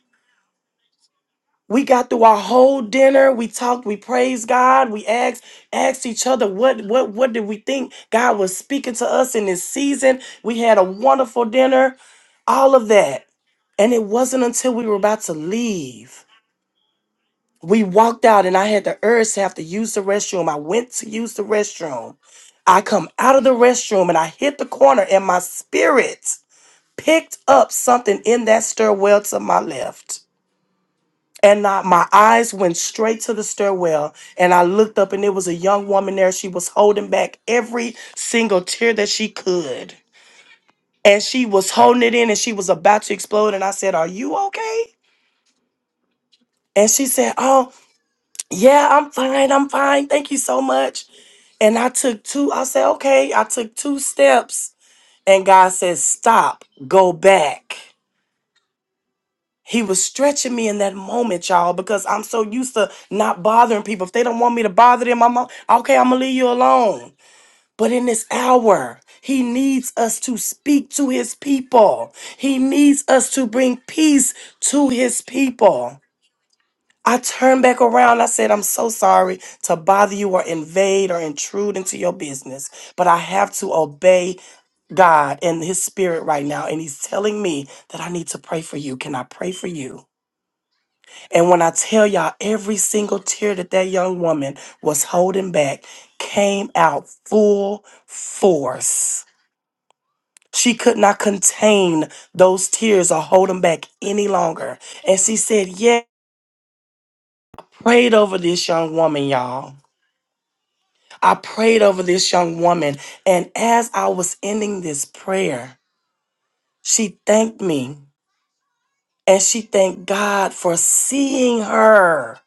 We got through our whole dinner. We talked. We praised God. We asked asked each other what what what did we think God was speaking to us in this season. We had a wonderful dinner, all of that, and it wasn't until we were about to leave we walked out, and I had the urge to have to use the restroom. I went to use the restroom. I come out of the restroom and I hit the corner, and my spirit picked up something in that stairwell to my left and I, my eyes went straight to the stairwell and i looked up and there was a young woman there she was holding back every single tear that she could and she was holding it in and she was about to explode and i said are you okay and she said oh yeah i'm fine i'm fine thank you so much and i took two i said okay i took two steps and god said stop go back He was stretching me in that moment, y'all, because I'm so used to not bothering people. If they don't want me to bother them, I'm okay, I'm gonna leave you alone. But in this hour, he needs us to speak to his people. He needs us to bring peace to his people. I turned back around. I said, I'm so sorry to bother you or invade or intrude into your business, but I have to obey God and his spirit right now. And he's telling me that I need to pray for you. Can I pray for you? And when I tell y'all, every single tear that that young woman was holding back came out full force. She could not contain those tears or hold them back any longer. And she said, Yeah, prayed over this young woman, y'all. I prayed over this young woman. And as I was ending this prayer, she thanked me and she thanked God for seeing her.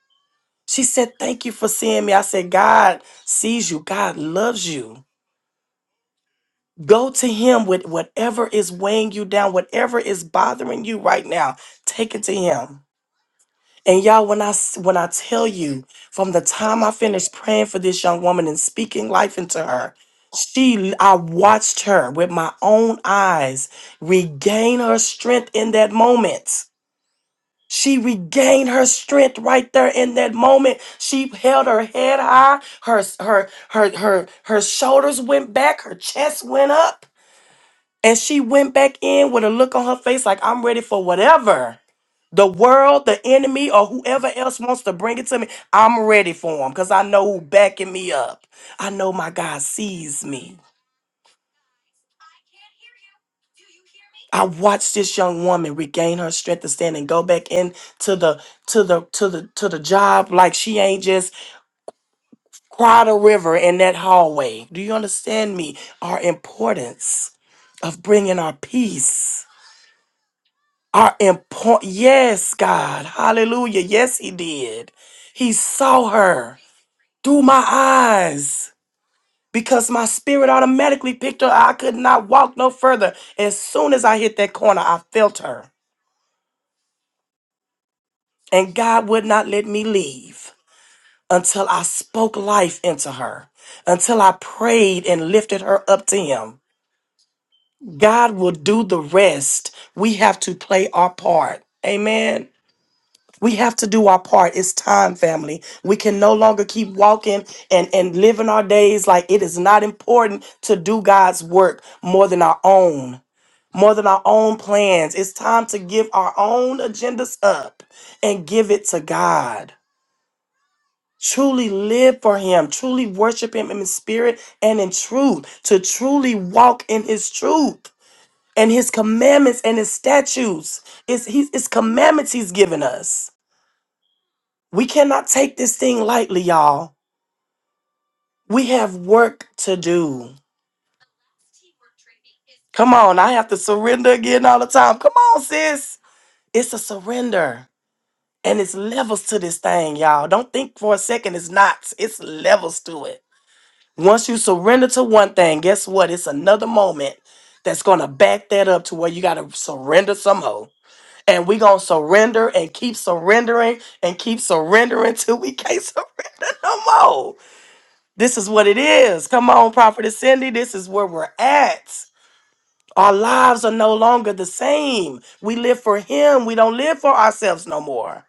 She said, Thank you for seeing me. I said, God sees you, God loves you. Go to Him with whatever is weighing you down, whatever is bothering you right now. Take it to Him. And y'all, when I s- when I tell you, from the time I finished praying for this young woman and speaking life into her, she I watched her with my own eyes regain her strength in that moment. She regained her strength right there in that moment. She held her head high, her her her her her shoulders went back, her chest went up, and she went back in with a look on her face like I'm ready for whatever. The world, the enemy, or whoever else wants to bring it to me, I'm ready for them because I know who backing me up. I know my God sees me. I watched this young woman regain her strength to stand and go back in to the to the to the to the job like she ain't just Cried a River in that hallway. Do you understand me? Our importance of bringing our peace. Our import. Yes, God. Hallelujah. Yes, He did. He saw her through my eyes because my spirit automatically picked her. I could not walk no further. As soon as I hit that corner, I felt her. And God would not let me leave until I spoke life into her, until I prayed and lifted her up to Him. God will do the rest. We have to play our part. Amen. We have to do our part. It's time, family. We can no longer keep walking and, and living our days like it is not important to do God's work more than our own, more than our own plans. It's time to give our own agendas up and give it to God. Truly live for Him, truly worship Him in spirit and in truth, to truly walk in His truth and his commandments and his statutes. It's, he's, it's commandments he's given us. We cannot take this thing lightly, y'all. We have work to do. Come on, I have to surrender again all the time. Come on, sis. It's a surrender. And it's levels to this thing, y'all. Don't think for a second it's not. It's levels to it. Once you surrender to one thing, guess what? It's another moment that's going to back that up to where you got to surrender some more. and we gonna surrender and keep surrendering and keep surrendering [laughs] till we can't [laughs] surrender no more. This is what it is. Come on, Prophetess Cindy, this is where we're at. Our lives are no longer the same. We live for Him. We don't live for ourselves no more.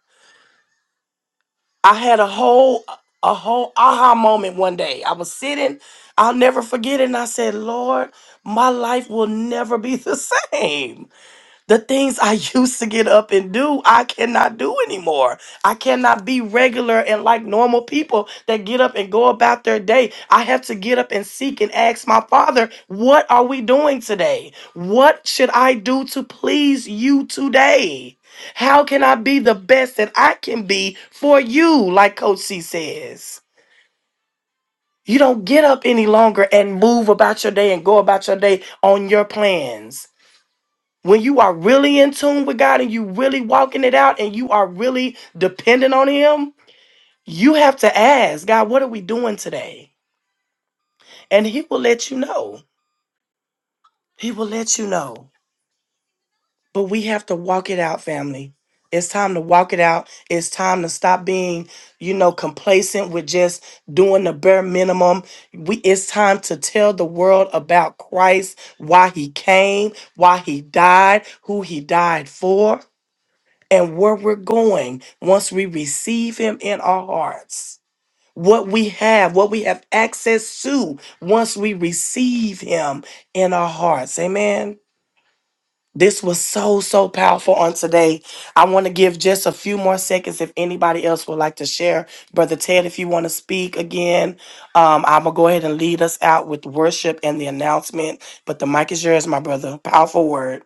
I had a whole a whole aha moment one day. I was sitting, I'll never forget it, and I said, Lord, my life will never be the [laughs] same. The things I [laughs] used to get up and do, I cannot do anymore. I cannot be regular and like normal people that get up and go about their day. I have to get up and seek and ask my Father, what are we doing today? What should I do to please you today? How can I be the best that I can be for you, like Coach C says? You don't get up any longer and move about your day and go about your day on your plans when you are really in tune with God and you really walking it out and you are really dependent on Him, you have to ask God, what are we doing today? And He will let you know. He will let you know. But we have to walk it out, family. It's time to walk it out. It's time to stop being, you know, complacent with just doing the bare minimum. We it's time to tell the world about Christ, why he came, why he died, who he died for and where we're going once we receive Him in our hearts. What we have, what we have access to once we receive Him in our hearts. Amen. This was so, so powerful on today. I want to give just a few more seconds if anybody else would like to share. Brother Ted, if you want to speak again, um, I'm going to go ahead and lead us out with worship and the announcement. But the mic is yours, my brother. Powerful word.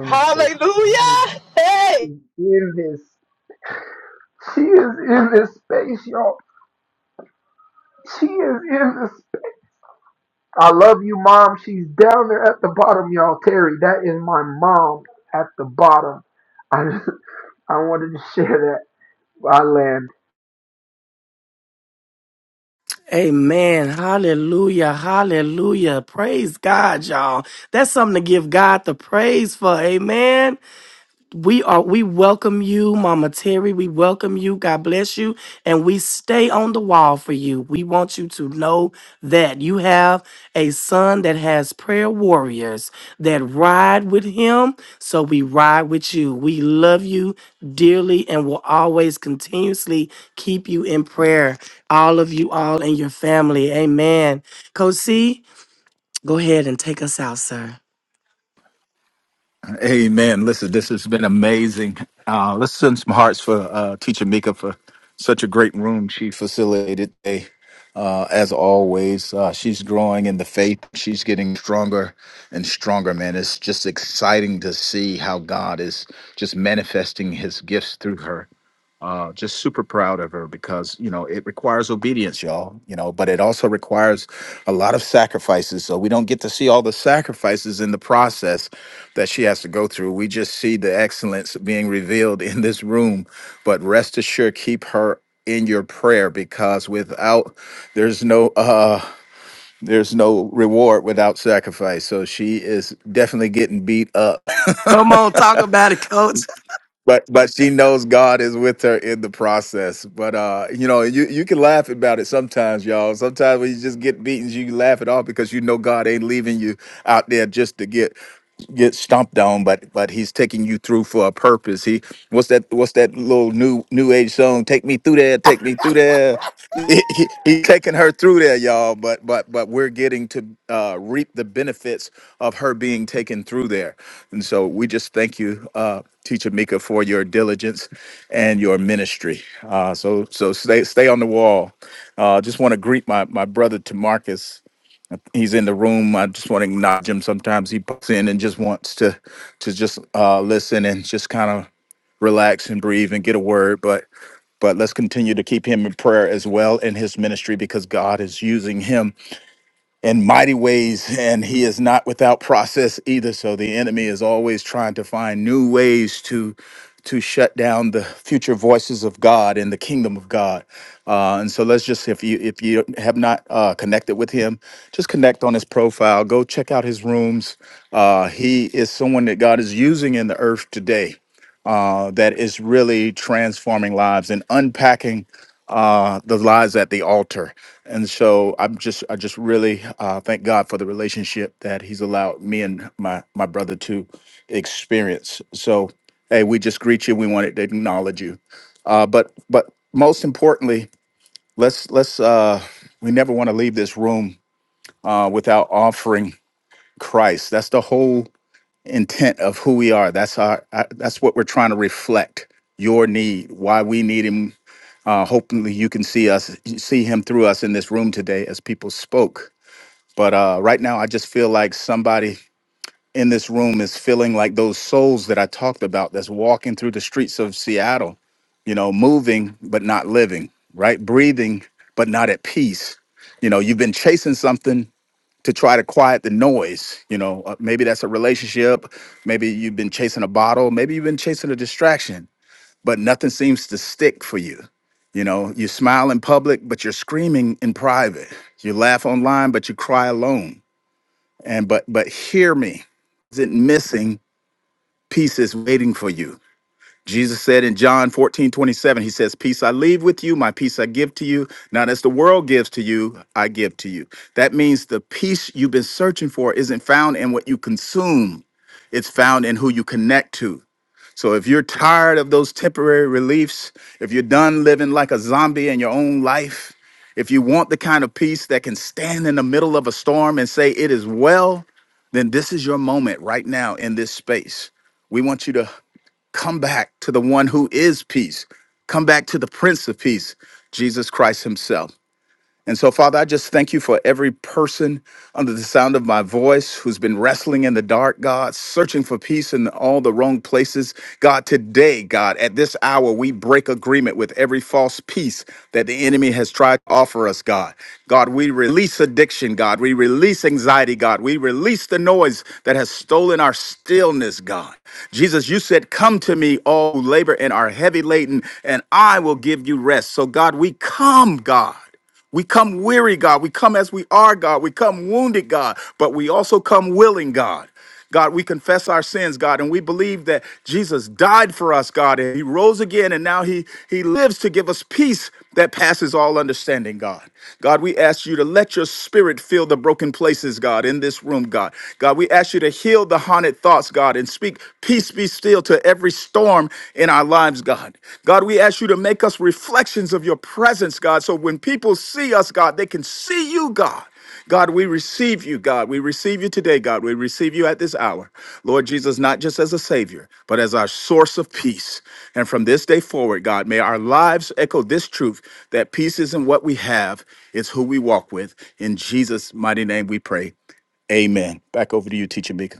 Hallelujah. Hey.
She is in this space, y'all. She is in this down there at the bottom, y'all. Terry, that is my mom at the bottom. I just, I wanted to share.
Amen. Hallelujah. Hallelujah. Praise God, y'all. That's something to give God the praise for. Amen. We are we welcome you, Mama Terry. We welcome you. God bless you. And we stay on the wall for you. We want you to know that you have a son that has prayer warriors that ride with him. So we ride with you. We love you dearly and will always continuously keep you in prayer. All of you, all in your family. Amen. Coach C, go ahead and take us out, sir.
Amen. Listen, this has been amazing. Uh, let's send some hearts for uh, Teacher Mika for such a great room she facilitated today. Uh, as always, uh, she's growing in the faith. She's getting stronger and stronger, man. It's just exciting to see how God is just manifesting his gifts through her uh, just super proud of her because you know it requires obedience, y'all. You know, but it also requires a lot of sacrifices. So we don't get to see all the sacrifices in the process that she has to go through. We just see the excellence being revealed in this room. But rest assured, keep her in your prayer because without there's no uh there's no reward without sacrifice so she is definitely getting beat up
Come on, talk about it, coach.
but but she knows God is with her in the process. But uh, you know, you you can laugh about it sometimes, y'all. Sometimes when you just get beaten, you can laugh it off because you know God ain't leaving you out there just to get get stomped on, but but he's taking you through for a purpose. He what's that what's that little new new age song? Take me through there, take me through there. [laughs] He, he, he taking her through there, y'all. But but but we're getting to uh, reap the benefits of her being taken through there, and so we just thank you, uh, Teacher Mika, for your diligence and your ministry. Uh, so so stay stay on the wall. Uh, just want to greet my my brother Tamarcus he's in the room. I just want to acknowledge him. Sometimes he pops in and just wants to to just uh, listen and just kind of relax and breathe and get a word. But but let's continue to keep him in prayer as well in his ministry because God is using him in mighty ways, and he is not without process either. So the enemy is always trying to find new ways to to shut down the future voices of God and the kingdom of God. Uh, and so let's just if you if you have not uh, connected with him, just connect on his profile. Go check out his rooms. Uh, he is someone that God is using in the earth today uh, that is really transforming lives and unpacking uh, the lives at the altar. And so I'm just, I just really uh, thank God for the relationship that He's allowed me and my my brother to experience. So, hey, we just greet you. We wanted to acknowledge you. Uh, but, but most importantly, let's let's. Uh, we never want to leave this room uh, without offering Christ. That's the whole intent of who we are. That's our. I, that's what we're trying to reflect. Your need, why we need him. Uh, hopefully, you can see us, see him through us in this room today as people spoke. But uh, right now, I just feel like somebody in this room is feeling like those souls that I talked about that's walking through the streets of Seattle. You know, moving but not living. Right, breathing but not at peace. You know, you've been chasing something to try to quiet the noise. You know, Uh, maybe that's a relationship. Maybe you've been chasing a bottle. Maybe you've been chasing a distraction, but nothing seems to stick for you. You know, you smile in public, but you're screaming in private. You laugh online, but you cry alone. And but but hear me, isn't missing pieces waiting for you. Jesus said in John 14 27. he says, Peace I leave with you, my peace I give to you. Not as the world gives to you, I give to you. That means the peace you've been searching for isn't found in what you consume, it's found in who you connect to. So if you're tired of those temporary reliefs, if you're done living like a zombie in your own life, if you want the kind of peace that can stand in the middle of a storm and say, It is well, then this is your moment right now in this space. We want you to Come back to the one who is peace. Come back to the Prince of Peace, Jesus Christ Himself. And so, Father, I just thank you for every person under the sound of my voice who's been wrestling in the dark, God, searching for peace in all the wrong places. God, today, God, at this hour, we break agreement with every false peace that the enemy has tried to offer us, God. God, we release addiction, God. We release anxiety, God. We release the noise that has stolen our stillness, God. Jesus, you said, Come to me, all who labor and are heavy laden, and I will give you rest. So, God, we come, God. We come weary, God. We come as we are, God. We come wounded, God, but we also come willing, God. God, we confess our sins, God, and we believe that Jesus died for us, God, and he rose again and now he he lives to give us peace that passes all understanding, God. God, we ask you to let your spirit fill the broken places, God, in this room, God. God, we ask you to heal the haunted thoughts, God, and speak peace be still to every storm in our lives, God. God, we ask you to make us reflections of your presence, God, so when people see us, God, they can see you, God. God, we receive you, God. We receive you today, God. We receive you at this hour. Lord Jesus, not just as a Savior, but as our source of peace. And from this day forward, God, may our lives echo this truth that peace isn't what we have, it's who we walk with. In Jesus' mighty name we pray. Amen. Back over to you, Teacher Mika.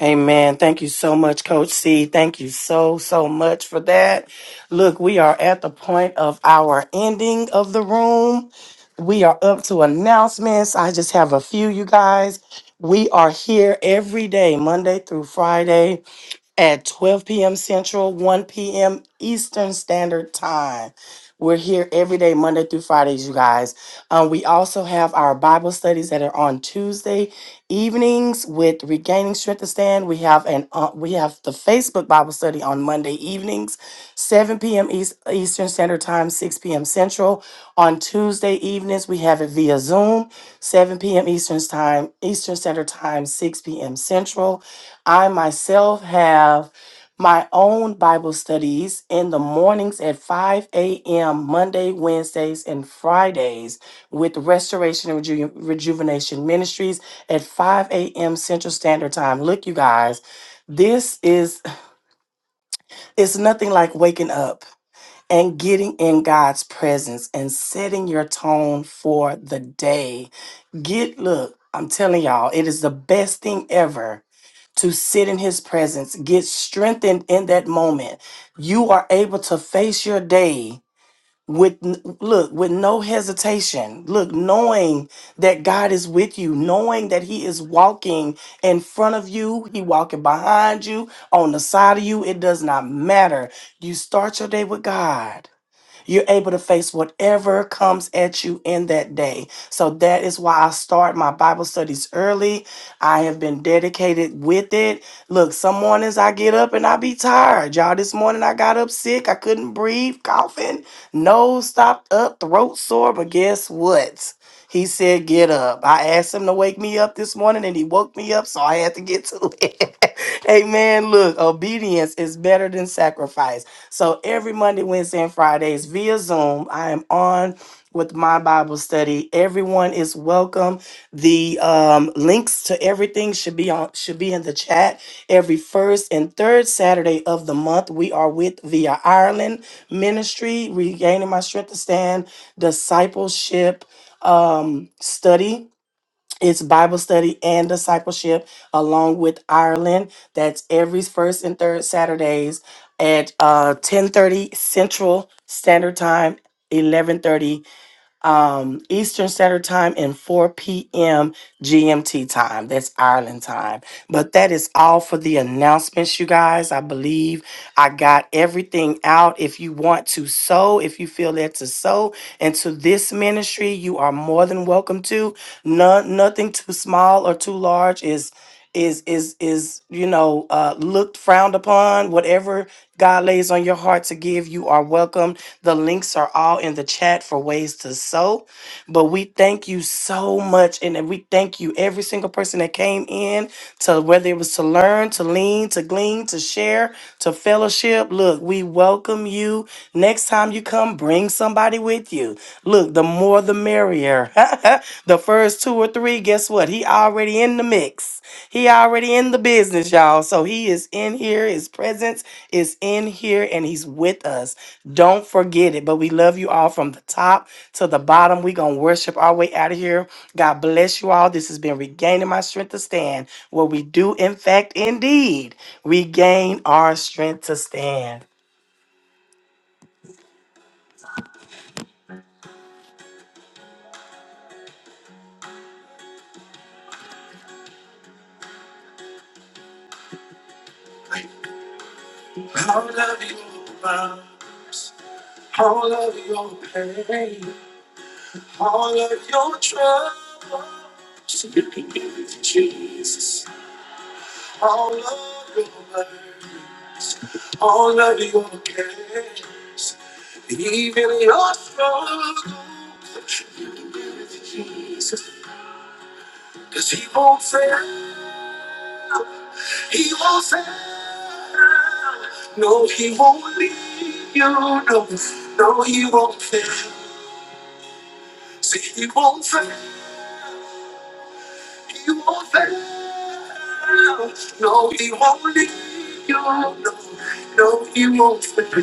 Amen. Thank you so much, Coach C. Thank you so, so much for that. Look, we are at the point of our ending of the room. We are up to announcements. I just have a few, you guys. We are here every day, Monday through Friday at 12 p.m. Central, 1 p.m. Eastern Standard Time. We're here every day, Monday through Fridays, you guys. Um, we also have our Bible studies that are on Tuesday evenings with Regaining Strength to Stand. We have an uh, we have the Facebook Bible study on Monday evenings, 7 p.m. East, Eastern Standard Time, 6 p.m. Central. On Tuesday evenings, we have it via Zoom, 7 p.m. Eastern Time, Eastern Standard Time, 6 p.m. Central. I myself have my own Bible studies in the mornings at 5 a.m. Monday, Wednesdays, and Fridays with Restoration and Reju- Rejuvenation Ministries at 5 a.m. Central Standard Time. Look, you guys, this is it's nothing like waking up and getting in God's presence and setting your tone for the day. Get, look, I'm telling y'all, it is the best thing ever to sit in His presence, get strengthened in that moment. You are able to face your day with n- look with no hesitation look knowing that god is with you knowing that he is walking in front of you he walking behind you on the side of you it does not matter you start your day with god you're able to face whatever comes at you in that day. So that is why I start my Bible studies early. I have been dedicated with it. Look, some mornings I get up and I be tired. Y'all, this morning I got up sick. I couldn't breathe, coughing, nose stopped up, throat sore. But guess what? He said, Get up. I asked him to wake me up this morning and he woke me up, so I had to get to it. [laughs] Amen. Look, obedience is better than sacrifice. So every Monday, Wednesday, and Fridays via Zoom, I am on with my Bible study. Everyone is welcome. The um, links to everything should be on should be in the chat. Every first and third Saturday of the month, we are with Via Ireland Ministry, regaining my strength to stand discipleship um, study. It's Bible study and discipleship along with Ireland. That's every first and third Saturdays at uh, 1030 Central Standard Time, 1130 um, Eastern Standard Time and 4 p.m. GMT time. That's Ireland time. But that is all for the announcements, you guys. I believe I got everything out. If you want to sow, if you feel led to sow into this ministry, you are more than welcome to. No, nothing too small or too large is is is is you know uh, looked frowned upon. Whatever God lays on your heart to give, you are welcome. The links are all in the chat for ways to sow. But we thank you so much, and we thank you every single person that came in to whether it was to learn, to lean, to glean, to share, to fellowship. Look, we welcome you. Next time you come, bring somebody with you. Look, the more the merrier. [laughs] the first two or three, guess what? He already in the mix. He already in the business, y'all. So he is in here. His presence is in here and he's with us. Don't forget it. But we love you all from the top to the bottom. we going to worship our way out of here. God bless you all. This has been Regaining My Strength to Stand, where we do, in fact, indeed, regain our strength to stand. All of your problems, all of your pain, all of your troubles, [laughs] you can give it to Jesus. All of your worries, all of your cares, even your struggles, you can give it to Jesus. Cause he won't fail, he won't fail. No, he won't leave you. No, no, he won't fail. See, he won't fail, he won't fail. No, he won't leave you. No, no, he won't fail.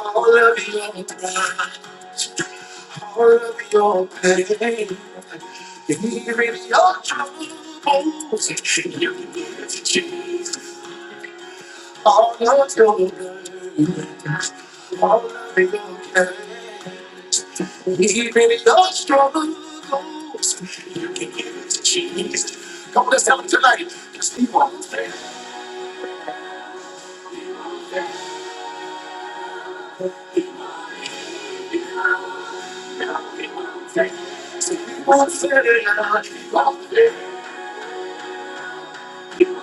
All of your words, all of your pain, even your troubles, you give Jesus. All of your burdens, all of your cares, even your struggles, you can give it to Jesus. Come on, let's tell him tonight. Just keep on saying, keep on saying, keep on saying, keep on saying.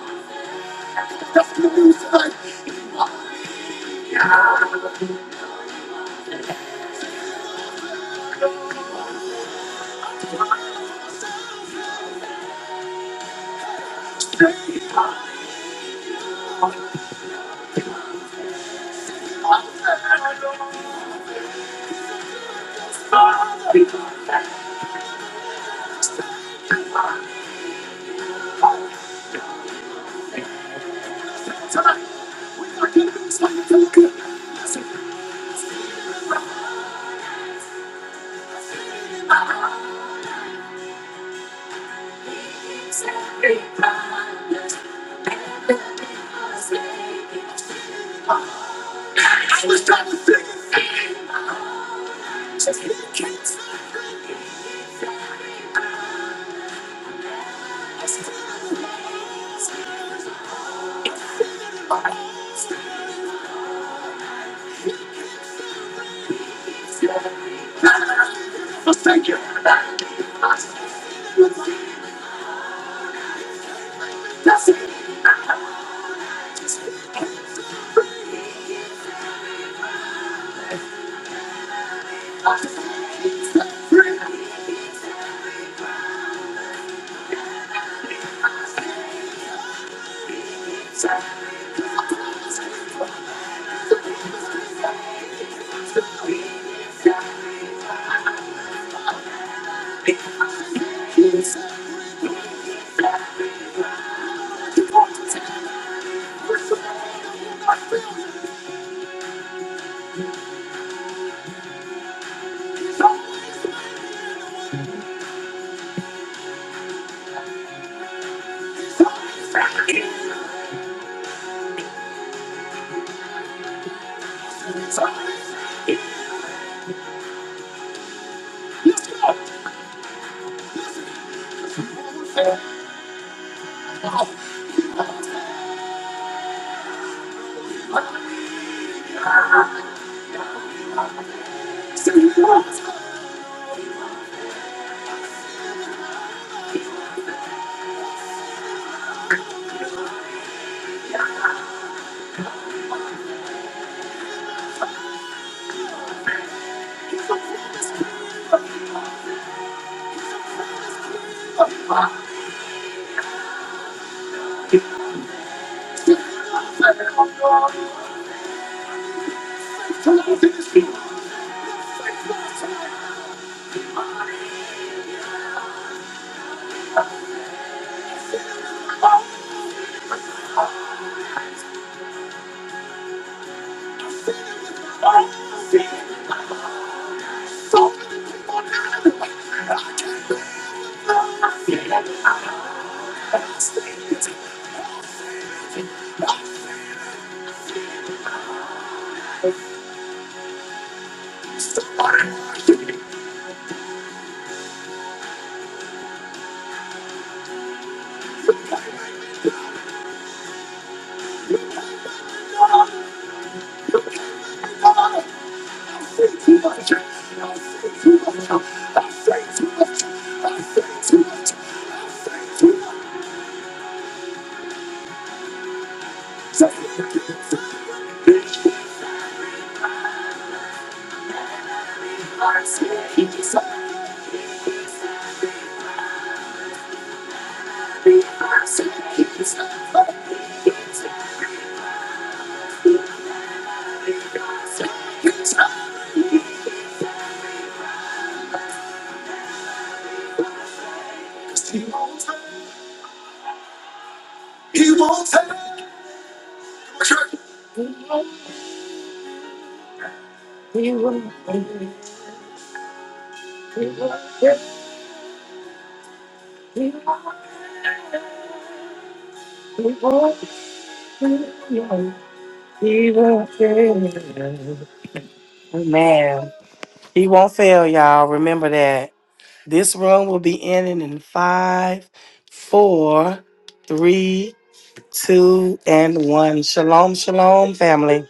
Thank you. Man, he won't fail, y'all. Remember that. This room will be ending in five, four, three, two, and one. Shalom, shalom, family.